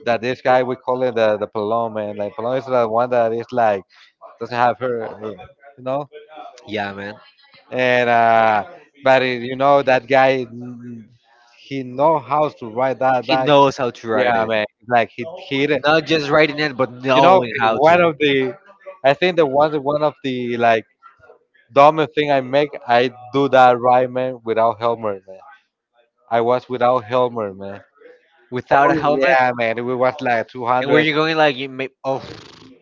That this guy we call it the Palom, man. Like Palom is the one that is like doesn't have her- you know. yeah, man. And but it, you know that guy, he know how to ride that He bike. knows how to ride Yeah, it, man, like not just riding it, but you know, knowing how one to. of the, I think the one of the like dumbest thing I make, I do that ride, man, without helmet, man. I was without helmet, man. Without Oh a helmet, yeah, man, we was like and where 200. you're going, like you may, oh,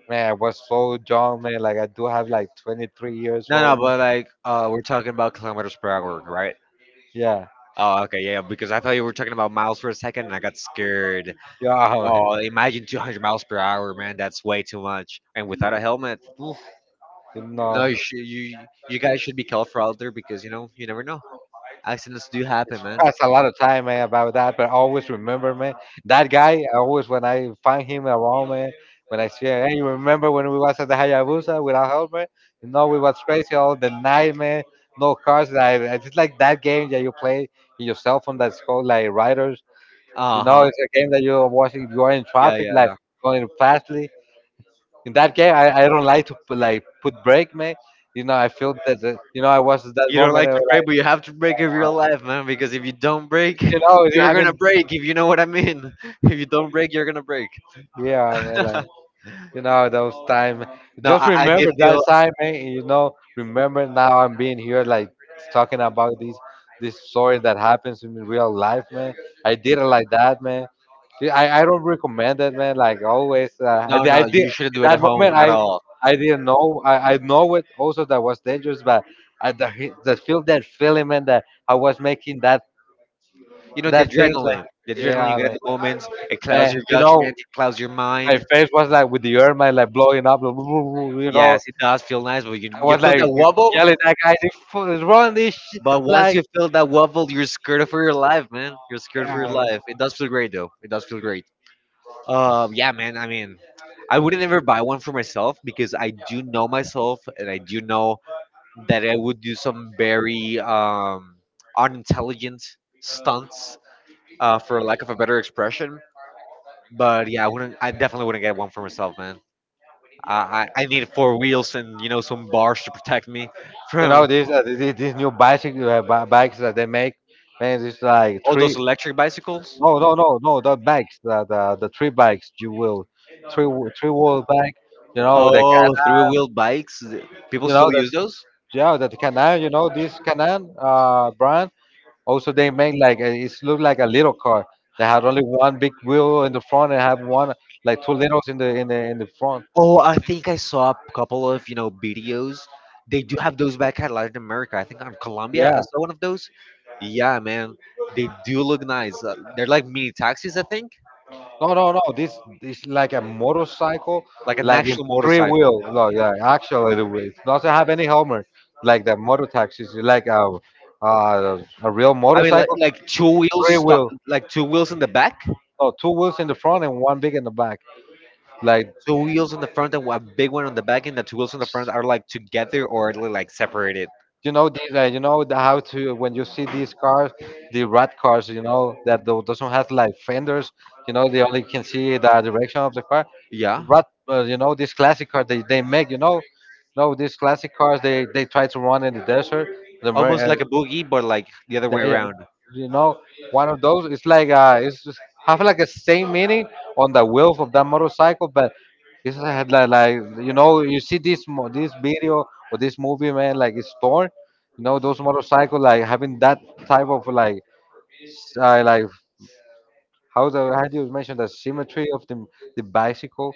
Man, I was so young, man. Like I do have like 23 years no, no, old. Man. but like, we're talking about kilometers per hour, right? Yeah, Oh, okay, yeah, yeah, because I thought you were talking about miles for a second, and I got scared. yeah, <laughs> man. Oh, imagine 200 miles per hour, man. That's way too much. And without a helmet, oof, You no, know. you, should, you guys should be careful out there because you know you never know. Accidents do happen, man. Pass a lot of time, man, about that. But I always remember, man, that guy. I always when I find him around, man, when I see him, hey, you remember when we was at the Hayabusa without helmet? You know, we was crazy all the night, man. No cars. Like it's just like that game that you play in your cell phone that's called like Riders. You Uh know, huh. it's a game that you're watching. You're in Yeah, traffic, yeah, like yeah. going fastly. In that game, I don't like to put, like put brake, man. You know, I feel that the, you know I was at that You don't moment. like I was to break, but you like, have to break if you're alive, man. Because if you don't break, you know, you're gonna having break. If you know what I mean. <laughs> If you don't break, you're gonna break. yeah, man, like. You know those time. No, Just I remember did that feel. time, man. You know, remember now I'm being here, like talking about these stories that happens in real life, man. I did it like that, man. Yeah, I don't recommend it, man. Like always, No, I no, did you shouldn't at do it that at home moment. at all. I didn't know. I know it also that was dangerous, but I the feel that feeling, man, that I was making You know, the that thing. Like, adrenaline, the adrenaline you yeah, get at man. the moment, it clouds your You know, judgment, it clouds your my mind. face was like with the air, man, like blowing up. <laughs> You know, Yes, it does feel nice, but you, I you was feel like, like that wobble. yelling at guys, run this shit. But once Like, you feel that wobble, you're scared for your life, man. You're scared for your life. It does feel great, though. It does feel great. Yeah, man. I mean, I wouldn't ever buy one for myself because I do know myself, and I do know that I would do some very unintelligent stunts, for lack of a better expression. But yeah, I wouldn't. I definitely wouldn't get one for myself, man. I need four wheels and you know some bars to protect me <laughs> you know, from. these these new bicycle bikes that they make, man, it's like Oh, those three. electric bicycles? No, no, no, no, the bikes, the three bikes you will, three-wheel bike, you know the can, Oh, three-wheel bikes. People you know still that use those? yeah that Canan, you know this Canan brand. Also they make like a, it's look like a little car. They had only one big wheel in the front and have one like two littles in the in the in the front. Oh, I think I saw a couple of, you know, videos. They do have those back at Latin America. I think on Colombia, I Yeah. saw one of those. Yeah, man. They do look nice. They're like mini taxis, I think. No, no, no. This is like a motorcycle, Like an like in actual three motorcycle. wheel. No, yeah, actually, it doesn't have any helmet. Like the motor taxis, like a real I mean, motorcycle, like two wheels, three wheel. like two wheels in the back, No, two wheels in the front and one big in the back. Like. two wheels in the front, and a big one on the back, and the two wheels in the front are like together or like separated. You know these, you know the, how to when you see these cars, the rat cars, you know that doesn't have like fenders. You know they only can see the direction of the car. Yeah. Rat, you know these classic cars they make. You know, no these classic cars they try to run in the desert. The Amer- Almost uh, like a boogie, but like the other way they- around, you know, one of those. It's like it's just have like a same meaning on the wheels of that motorcycle, but it's like, had like you know, you see this this video or this movie, man, like it's torn. You know, those motorcycle like having that type of like like how do you mention the symmetry of the bicycle,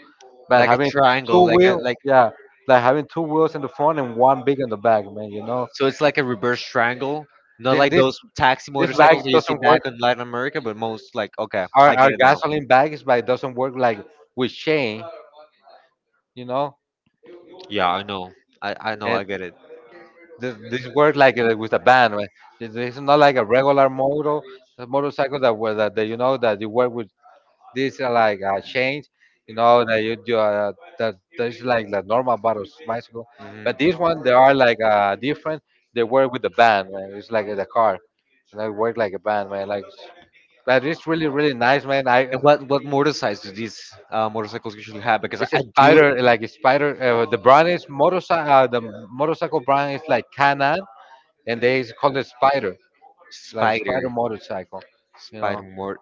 but like a having triangle, two like a wheel, like. yeah, like having two wheels in the front and one big in the back, man. You know, So it's like a reverse triangle, not Th- like this those taxi this bike motorcycles that you see doesn't back work in Latin America, but most like okay, our, I our get it now. gasoline bags, is like doesn't work like with Shane, you know, Yeah, I know, I know, and I get it. this work like with a band, right? This is not like a regular motor a motorcycle that was that you know that you work with this like chains, you know that you do that there's like the normal bottles bicycle, Hmm. but this one they are like different. They work with the band, man. It's like the car, and I work like a band, man. Like, but it's really really nice, man. I. And what motor size do these motorcycles usually have? Because It's a I do spider, like a spider. The brand is motorcycle. The motorcycle brand is like Canon, and they call it Spider, like Spider spider. motorcycle. You Spider know, Mort.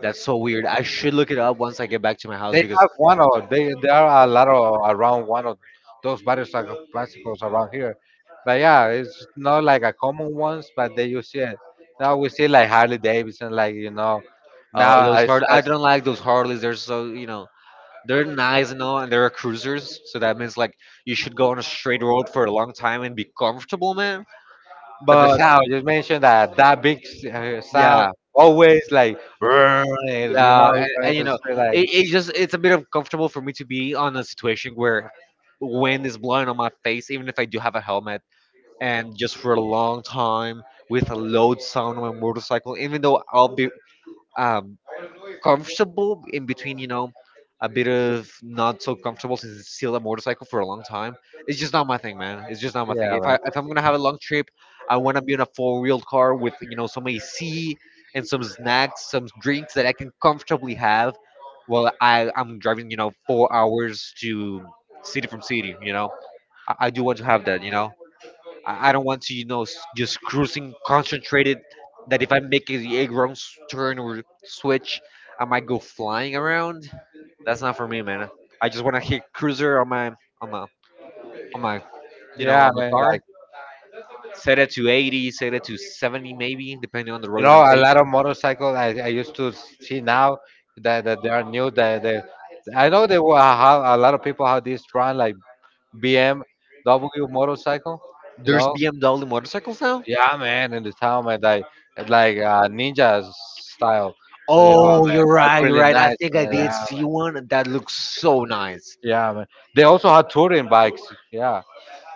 That's so weird. I should look it up once I get back to my house they because have one of they. There are a lot of around one of those motorcycle bicycles around here. But yeah, it's not like a common ones, but they use it. Now we see like Harley Davidson, like you know, now oh, those I, hard. I I don't like those Harleys. They're so, you know, they're nice and all, and they're cruisers. So that means like you should go on a straight road for a long time and be comfortable, man. But the But sound, you mentioned that big sound yeah, always like, "Brrrr," and, you yeah, know, and, it's going and you to know say it, like, it just it's a bit uncomfortable for me to be on a situation where wind is blowing on my face, even if I do have a helmet, and just for a long time with a loud sound on my motorcycle, even though I'll be um comfortable in between, you know, a bit of not so comfortable since it's still a motorcycle for a long time. It's just not my thing, man. It's just not my thing. yeah, If I man. if I'm gonna have a long trip, I want to be in a four wheeled car with you know some AC and some snacks, some drinks that I can comfortably have while I'm driving, you know, 4 hours to city from city. You know, I do want to have that, you know. I don't want to, you know, just cruising concentrated. That if I make a wrong turn or switch, I might go flying around. That's not for me, man. I just want to hit cruiser on my on my on my you know Yeah, on my man. car. Like, Set it to 80, set it to 70 maybe, depending on the you road that I'm know, a lot taking. of motorcycles I used to see now that they are new. That they, I know they will have a lot of people have this brand like BMW motorcycle, you There's know? BMW motorcycles now. Yeah, man, in the town, man, like ninja style. So yeah, Oh, man, you're that's right, you're really right. I nice, think man. I Yeah, did man. see one that looks so nice. Yeah, man. They also had touring bikes. Yeah,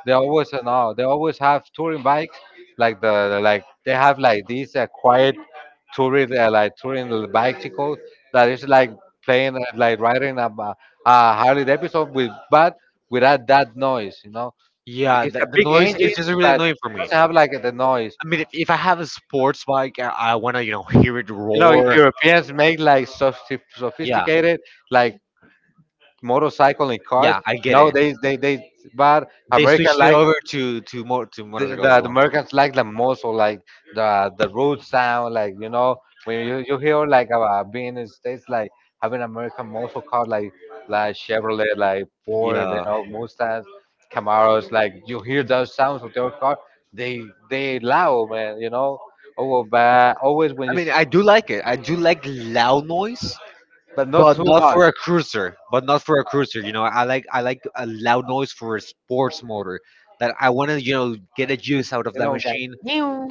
they always no, they always have touring bikes, like like they have like these quiet touring like touring bicycle that is like playing like riding a Harley Davidson with but without that noise, you know. Yeah, It's a the big noise is engine, just really but it annoying for me. doesn't have like the noise. I mean, if I have a sports bike, I want to, hear it You know, roar. Europeans make like Yeah, sophisticated like motorcycle and cars. yeah, I You get know, it. they but They America switched it like over to the, motorcycles the, as the well. Americans like the most or like the road sound like you know when you hear like about being in the states like having American muscle car like Chevrolet like Ford you Yeah, know Mustangs Camaros like you hear those sounds of their car they they loud man you know oh well, but always when I you mean, I do like it. I do like loud noise, but not but too not much for a cruiser. But not for a cruiser. You know, I like a loud noise for a sports motor that I want to get a juice out of you that know like machine.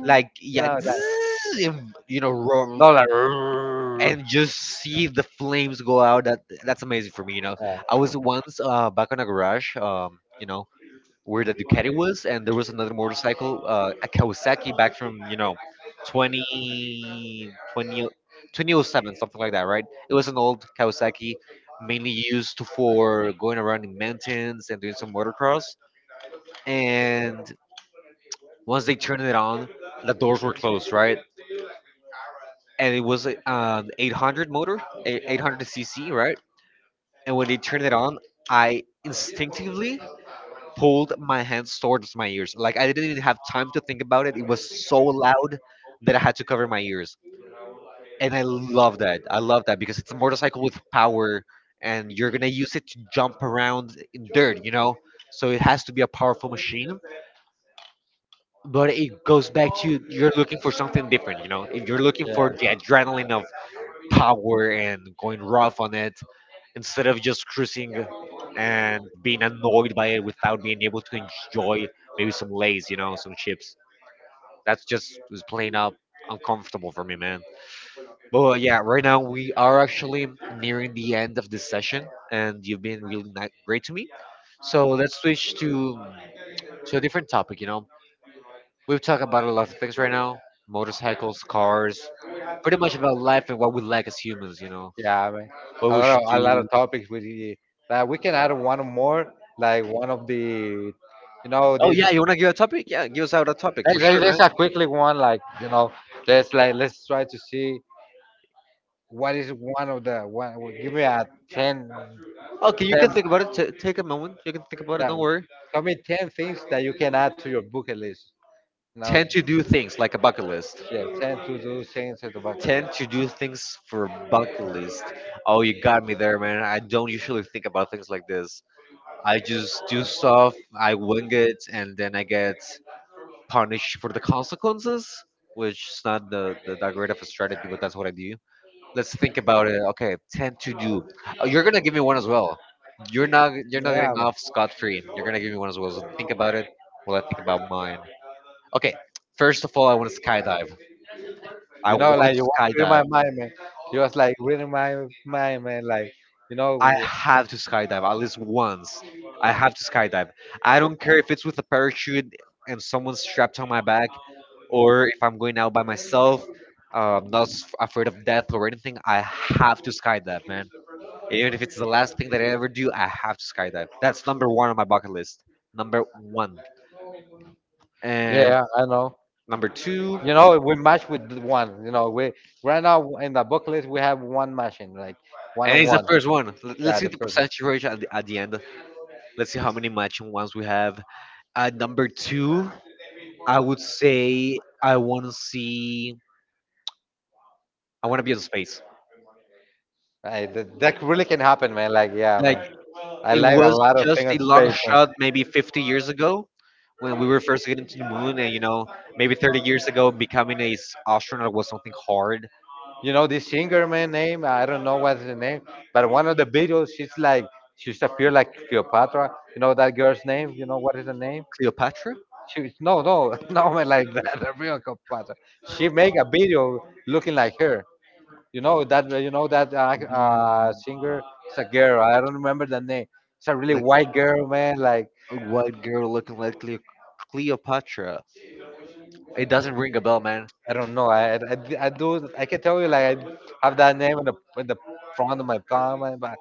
Like, you yeah, know like <tsk> and roar, not like "Rrrr." and just see the flames go out. That's amazing for me, you know? I was once, back on a garage, where the Ducati was, and there was another motorcycle, a Kawasaki back from, 2020, 2007 something like that, right? It was an old Kawasaki, mainly used for going around in mountains and doing some motocross. And once they turned it on, the doors were closed, right. And it was, an 800 motor, 800 cc, right. And when they turned it on, I instinctively pulled my hands towards my ears. Like, I didn't even have time to think about it. It was so loud that I had to cover my ears. And I love that. I love that, because it's a motorcycle with power, and you're going to use it to jump around in dirt, you know? So it has to be a powerful machine. But it goes back to: you're looking for something different, you know? If you're looking Yeah. for the adrenaline of Yeah. power and going rough on it, instead of just cruising and being annoyed by it without being able to enjoy maybe some lays, some chips. That's just was plain up uncomfortable for me, man. But, yeah, right now we are actually nearing the end of this session, and you've been really, great to me. So let's switch to a different topic. You know, we've talked about a lot of things right now: motorcycles, cars, pretty much about life and what we like as humans. You know, Yeah, I mean, what a we lot of should a lot do. of topics we did. Like we can add one more, like one of the, you know, Oh this. yeah, you wanna give a topic? Yeah, give us out a topic Let for Like, sure, let's man. a quickly one, like you know, let's try to see what is one of the one. Well, give me a ten, Okay, you can ten. think about it. Take a moment. You can think about it. Yeah, Don't worry. tell me 10 things that you can add to your bucket list. Now, Tend to do things like a bucket list. yeah, 10 to do things to the bucket list. Tend to do things for a bucket list. Oh, you got me there, man. I don't usually think about things like this. I just do stuff. I wing it, and then I get punished for the consequences, which is not the, the that great of a strategy, but that's what I do. Let's think about it. Okay, 10 to do. Oh, you're gonna give me one as well. You're not. You're not Yeah, getting man. off scot free. You're gonna give me one as well. So think about it. Well, I think about mine. Okay. First of all, I want to skydive. I You know, want like you to was reading skydive. my mind, man. You was like reading my mind, man. Like, you I know. have to skydive at least once. I have to skydive. I don't care if it's with a parachute and someone's strapped on my back, or if I'm going out by myself. I'm not, afraid of death or anything. I have to skydive, man. Even if it's the last thing that I ever do, I have to skydive. That's number one on my bucket list. Number one. Yeah, And yeah, I know. number two, You know, we match with the one. You know, we right now in the booklet we have one machine, like one and on it's the one. first one. Let's Yeah, see the the first one. percentage ratio at the end. Let's see how many matching ones we have. At number two, I would say I want to be in space. Hey, that really can happen, man. Like, yeah, Like, man. I it like a was lot of just things on a long space, man. shot maybe 50 years ago, when we were first getting to the moon, and maybe 30 years ago, becoming a astronaut was something hard. You know, this singer, man, name I don't know what's the name, but one of the videos, she's like, she's appear like Cleopatra. You know that girl's name? You know what is her name? Cleopatra? No, no, <laughs> no, man, like that, <laughs> the real Cleopatra. She make a video looking like her. You know that Mm. singer. It's a girl. I don't remember the name. It's a really Like white girl, man. Like. a white girl looking like Cleopatra. It doesn't ring a bell, man. I don't know. I do. I can tell you. Like I have that name in the front of my tongue, man. But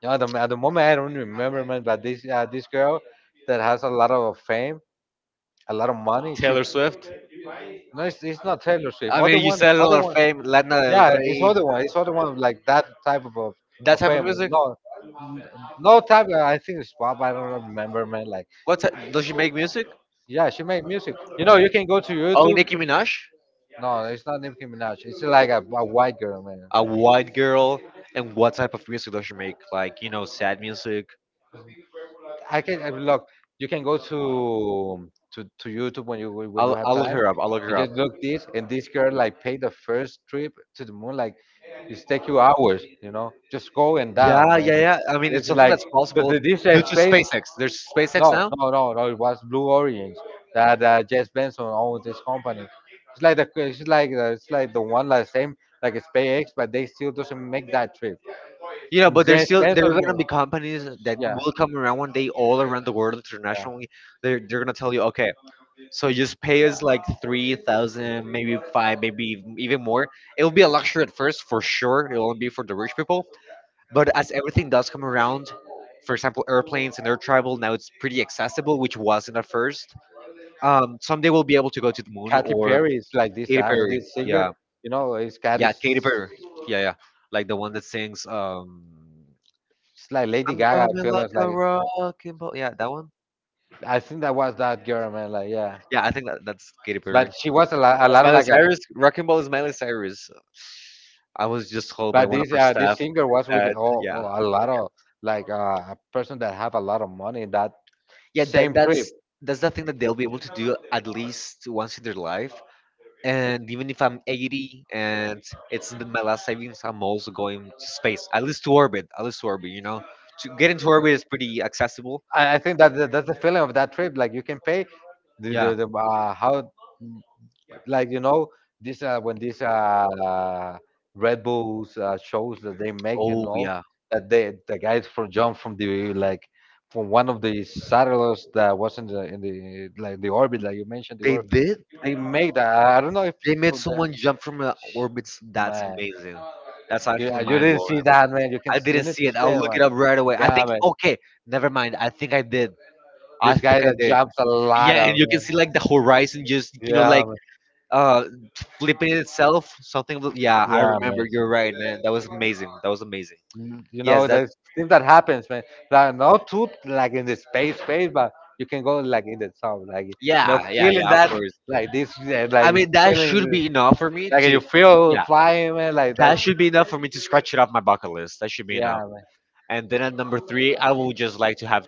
you know, at the moment I don't remember, man. But this girl that has a lot of fame, a lot of money. She. Taylor Swift. No, it's not Taylor Swift. I mean, Other you one, said a other lot of one. fame. Lana Del Yeah, it's Rey, other one. It's other one like that type of of, that of type of fame. music. No, no type. I think it's pop. I don't remember, man. Like. What type, does she make music? Yeah, she made music. You know, you can go to Oh, YouTube. Nicki Minaj, No, it's not Nicki Minaj. It's like a white girl, man. a white girl. And what type of music does she make? Like, sad music. Look. You can go to YouTube when you I'll have I'll look time, her up. I'll look her and up. just look this. And this girl like paid the first trip to the moon. Like it's take you hours. You know, just go and down, Yeah, man. yeah, yeah. I mean, it's It's something like, that's but possible this due to space. SpaceX. There's SpaceX No, now. no, no, no. It was Blue Origins that Jess Benson owned this company. It's like the it's like the, it's like the one like same like a SpaceX, but they still doesn't make that trip. You know, but Jess there Benson, are gonna be companies that yeah, will come around one day, all around the world yeah. internationally. They're gonna tell you, okay, so just pay us like 3,000, maybe five, maybe even more. It will be a luxury at first for sure. It will only be for the rich people. But as everything does come around, for example, airplanes and air travel now it's pretty accessible, which wasn't at first. Someday we'll be able to go to the moon, Katy or Perry is like this Katy uh, Perry. this singer, Yeah, you know, it's Katy. yeah, It's Katy Perry. Yeah, yeah, like the one that sings. like Lady I'm Gaga. I coming feel like it's like a wrecking ball. Yeah, that one. I think that was that girl, man. Like yeah, Yeah, I think that's Katy Perry. but she was a That's lot of Miley like a. Cyrus. Wrecking Ball is Miley Cyrus. I was just told by But one of this her uh, staff this singer was with that, yeah, a lot of like a person that have a lot of money in that yeah, that, same trip. that's that's the thing that they'll be able to do at least once in their life. And even if I'm 80, and it's my last savings, I'm also going to space, at least to orbit, at least to orbit. You know, to get into orbit is pretty accessible. I think that's the feeling of that trip. Like you can pay Yeah. the how like you know this when these Red Bulls shows that they make, you Oh know yeah, that they the guys from jump from the like from one of the satellites that was in the like the orbit like you mentioned the they orbit. did. They make that. I don't know if They it's made for that. someone jump from the orbits. That's Man, amazing. That's you, uh, actually you mind didn't blowing. see that, man. You can I you didn't need see to it. see I'll it, look man. it up right away. I Yeah, think, man. okay, never mind. I think I did. I This guy think I that did. jumps a Yeah, lot and of, you can man. see, like, the horizon just, Yeah, like, man. uh flipping itself. Something. Yeah, I Yeah, man. remember. You're right, man. That was amazing. That was amazing. You know, Yes, that. there's things that happens, man. There are no two like in the space, but you can go like in the sound, like you know, Yeah, yeah, feeling yeah. Of that, course. like this, yeah, like I mean, that feeling, should be enough for me like you to. feel Yeah, flying, man, like that that's. should be enough for me to scratch it off my bucket list. That should be Yeah, enough. man. And then at number three, I would just like to have,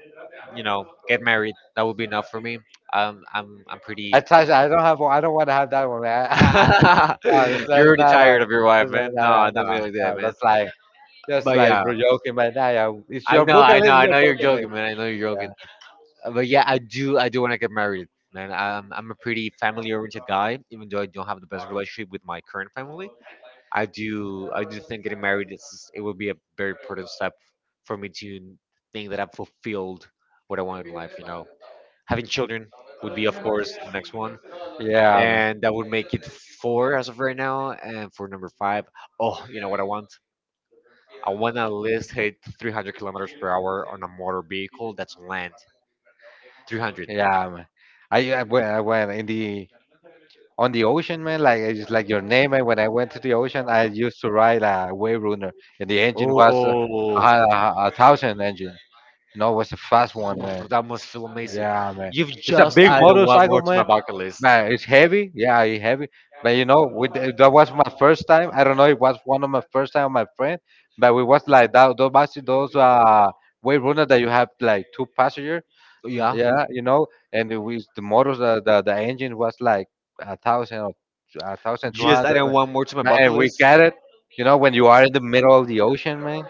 you know, get married. That would be enough for me. I'm pretty. I touch. I don't have. I don't want to have that one, man. <laughs> <laughs> No, that's You're already not a, tired of your wife, that's not, no. man. Nah, No, don't nah, be like nah, that, man. that's like just But like yeah, joking, but nah, yeah, it's I your know, book and I know, it's I your know book. you're I think. joking, man. I know you're joking. But yeah, I do want to get married, man. I'm a pretty family-oriented guy, even though I don't have the best relationship with my current family. I do think getting married, is it will be a very important step for me to think that I've fulfilled what I want in life, you know. Having children would be, of course, the next one. Yeah, yeah, man. And that would make it four as of right now. And for number five, oh, you know what I want? I want to at least hit 300 kilometers per hour on a motor vehicle that's on land. 300. Yeah. Man. I when I went in the on the ocean, man. Like it's just like your name, man. When I went to the ocean, I used to ride a wave runner, and the engine was a, Oh, a, a thousand engine. No, it was a fast one, man. that must feel amazing. Yeah, man. You've It's a just big added one more motorcycle, to my man. bucket list. Man, it's heavy. Yeah, it's heavy. But you know, with that was my first time. I don't know. It was one of my first time with my friend, but we was like that. Those buses, those way runner that you have like two passenger. Yeah. Yeah, you know, and it was the motors, the engine was like 1,000 or a thousand two Just hundred. adding one more to my bucket Man, we list. got it. You know, when you are in the middle of the ocean, man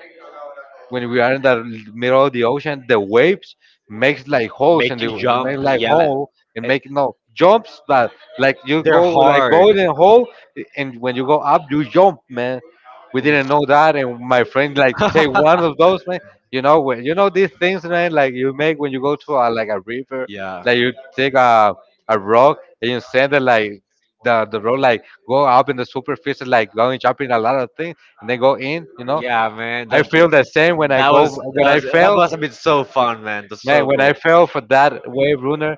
when we are in the middle of the ocean, the waves makes like holes Make and they you jump. make like Yeah, hole and make no jumps but like you they're go like go hard. in a hole and when you go up you jump man. We Oof. didn't know that and my friend like take one <laughs> of those man. You know, when you know these things, man, like you make when you go to a, like a river, Yeah, like you take a rock and you send it like the road, like go up in the superficie like going jumping a lot of things and they go in, you know. yeah, man. I feel the same when I that go was when that I was that fail, must have been so fun, man. That's man. so When cool. I fail for that wave runner,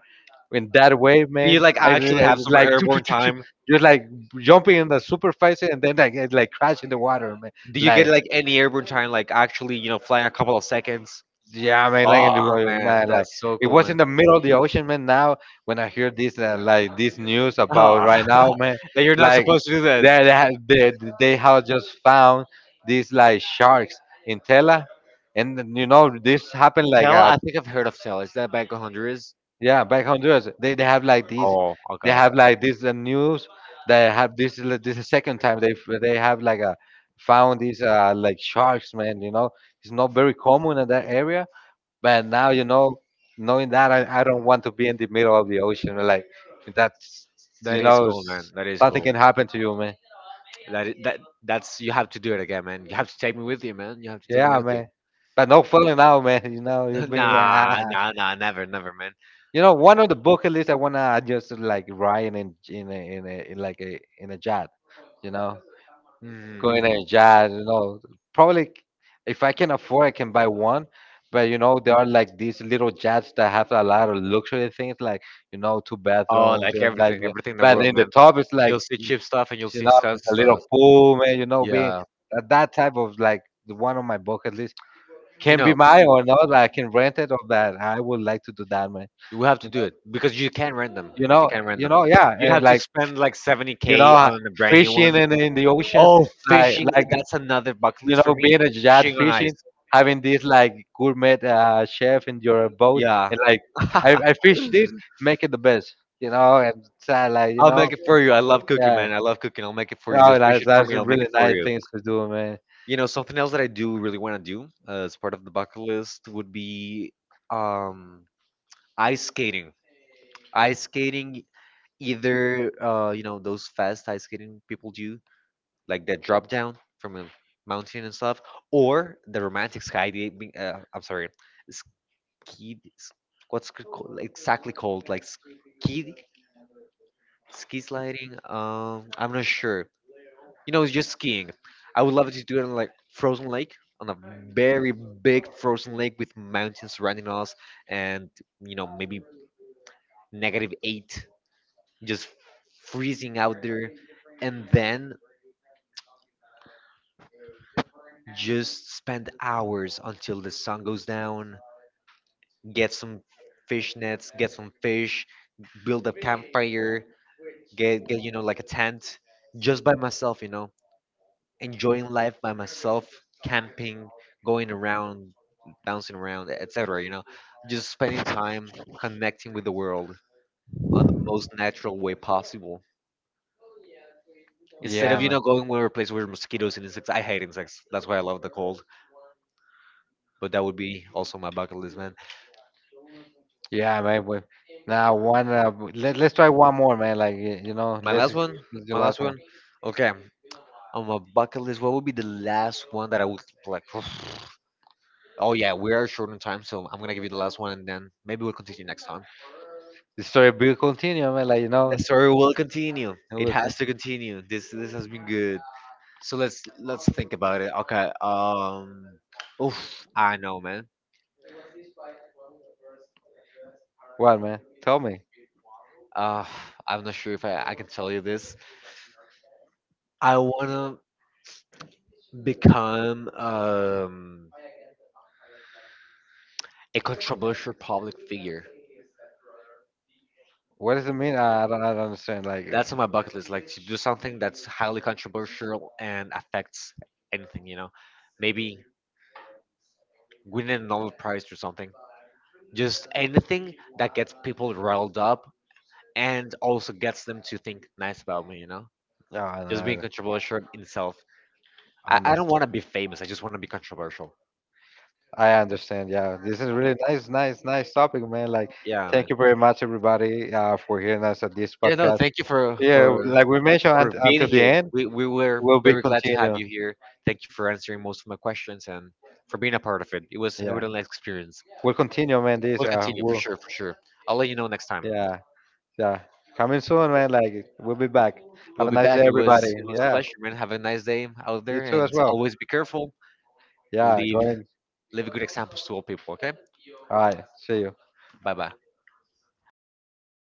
in that wave, Do man, you, like, I, actually I have some like choo, choo, airborne choo, choo, time? just like jumping in the superfice and then like it, like crash in the water, man. Do you get, Like like, any airborne time, like actually flying a couple of seconds? yeah, man, like in the Oh water, man, man, like that's so it cool, was man. in the middle of the ocean, man. Now when I hear this like this news about right now, Oh, <laughs> man, that you're not like supposed to do that. they they ha- they, they have just found these like sharks in Tela and then, you know, this happened like Tell, I think I've heard of Tell. Is that Bank of Honduras? yeah, back Honduras. They have like these. Oh, okay, They okay. have like this news. They have this. This is the second time they have like a found these like sharks, man. You know, it's not very common in that area. But now you know, knowing that, I don't want to be in the middle of the ocean. Like that's That you is know, cool, man. That is something cool. can happen to you, man. That I- that that's you have to do it again, man. You have to take me with you, man. You have to take me Yeah, with you. man. <laughs> But no falling out, man. <laughs> You know, you mean? Nah, <laughs> nah, nah, never, never, man. You know, one of the bucket lists I wanna just like ride in like a jet. You know, Mhm. go in a jet. You know, probably if I can afford, I can buy one. But you know, there are like these little jets that have a lot of luxury things, like you know, two Oh, bathrooms like and like. everything, Yeah. everything in the But world, in the man. top, it's like You'll see cheap stuff and you'll you see know, expensive a little stuff. pool, man. You know, being Yeah, that type of like the one on my bucket list you can be know, mine or not. I can rent it or that. I would like to do that, man. we have to do it because you can't rent them. You You know, can't rent you them. know, yeah, You'd and have to like spend like you 70K know, on a brand new one. fishing in the ocean, Oh, like fishing. like That's another bucket you list for know, me. being a jet Fishing on ice. fishing, having this like gourmet chef in your boat Yeah. and like I fish <laughs> this, make it the best, you know, and it's, like you I'll know, make it for you. I love cooking, yeah, man. I love cooking. I'll make it for you you. know, Just fish like, it for that's me. a I'll make really it for nice you. things to do, man. You know, something else that I do really want to do, as part of the bucket list, would be, um, ice skating. Ice skating, either, you know, those fast ice skating people do, like that drop down from a mountain and stuff, or the romantic skydiving. I'm sorry, skid s- what's it called, exactly called, like, ski sliding, I'm not sure. You know, it's just skiing. I would love to do it on like frozen lake, on a very big frozen lake, with mountains surrounding us, and, maybe -8, just freezing out there, and then just spend hours until the sun goes down, get some fish nets, get some fish, build a campfire, get, like, a tent, just by myself, enjoying life by myself, camping, going around, bouncing around, etc., just spending time, connecting with the world, on the most natural way possible, instead Yeah, of, man. Going where a place where mosquitoes and insects, I hate insects, that's why I love the cold. But that would be also my bucket list, man. Yeah, man. We, now one let's try one more, man, like you know, My last one. let's do the My last last one. one. Okay, on my bucket list, what would be the last one that I would like. <sighs> Oh yeah, we are short on time, so I'm gonna give you the last one, and then maybe we'll continue next time. The story will continue, man, like you know it The story will continue. It will continue. has to continue. This has been good. So let's think about it. Okay. Oof. I know, man. What, man? Tell me. Uh, I'm not sure if I can tell you this. I wanna become a controversial public figure. What does it mean? I don't, I don't understand. Like, That's on my bucket list. Like, to do something that's highly controversial and affects anything. You know, maybe winning a Nobel Prize or something. Just anything that gets people riled up, and also gets them to think nice about me, you know? no, I know. Just I being know. controversial in itself. I, I I don't want understand. to be famous. I just want to be controversial. I understand. Yeah, this is really nice, nice, nice topic, man. Like, Yeah, man. thank you very much, everybody, for hearing us at this Yeah, no, podcast. thank you for Yeah, for like we mentioned, for being until the here. end, We were will be very glad to have continue. you here. Thank you for answering most of my questions, and for being a part of it. It was a Yeah. really nice experience. We'll continue, man. This, We'll continue for we'll, sure, for sure. I'll let you know next time. yeah, yeah. Coming soon, man. Like we'll be back. Have We'll a be nice back. day, It was everybody. it was a Yeah, pleasure, man. Have a nice day out you there, too as and well. always be careful. Yeah, Leave going. leave good examples to all people. Okay. All right. See you. Bye bye.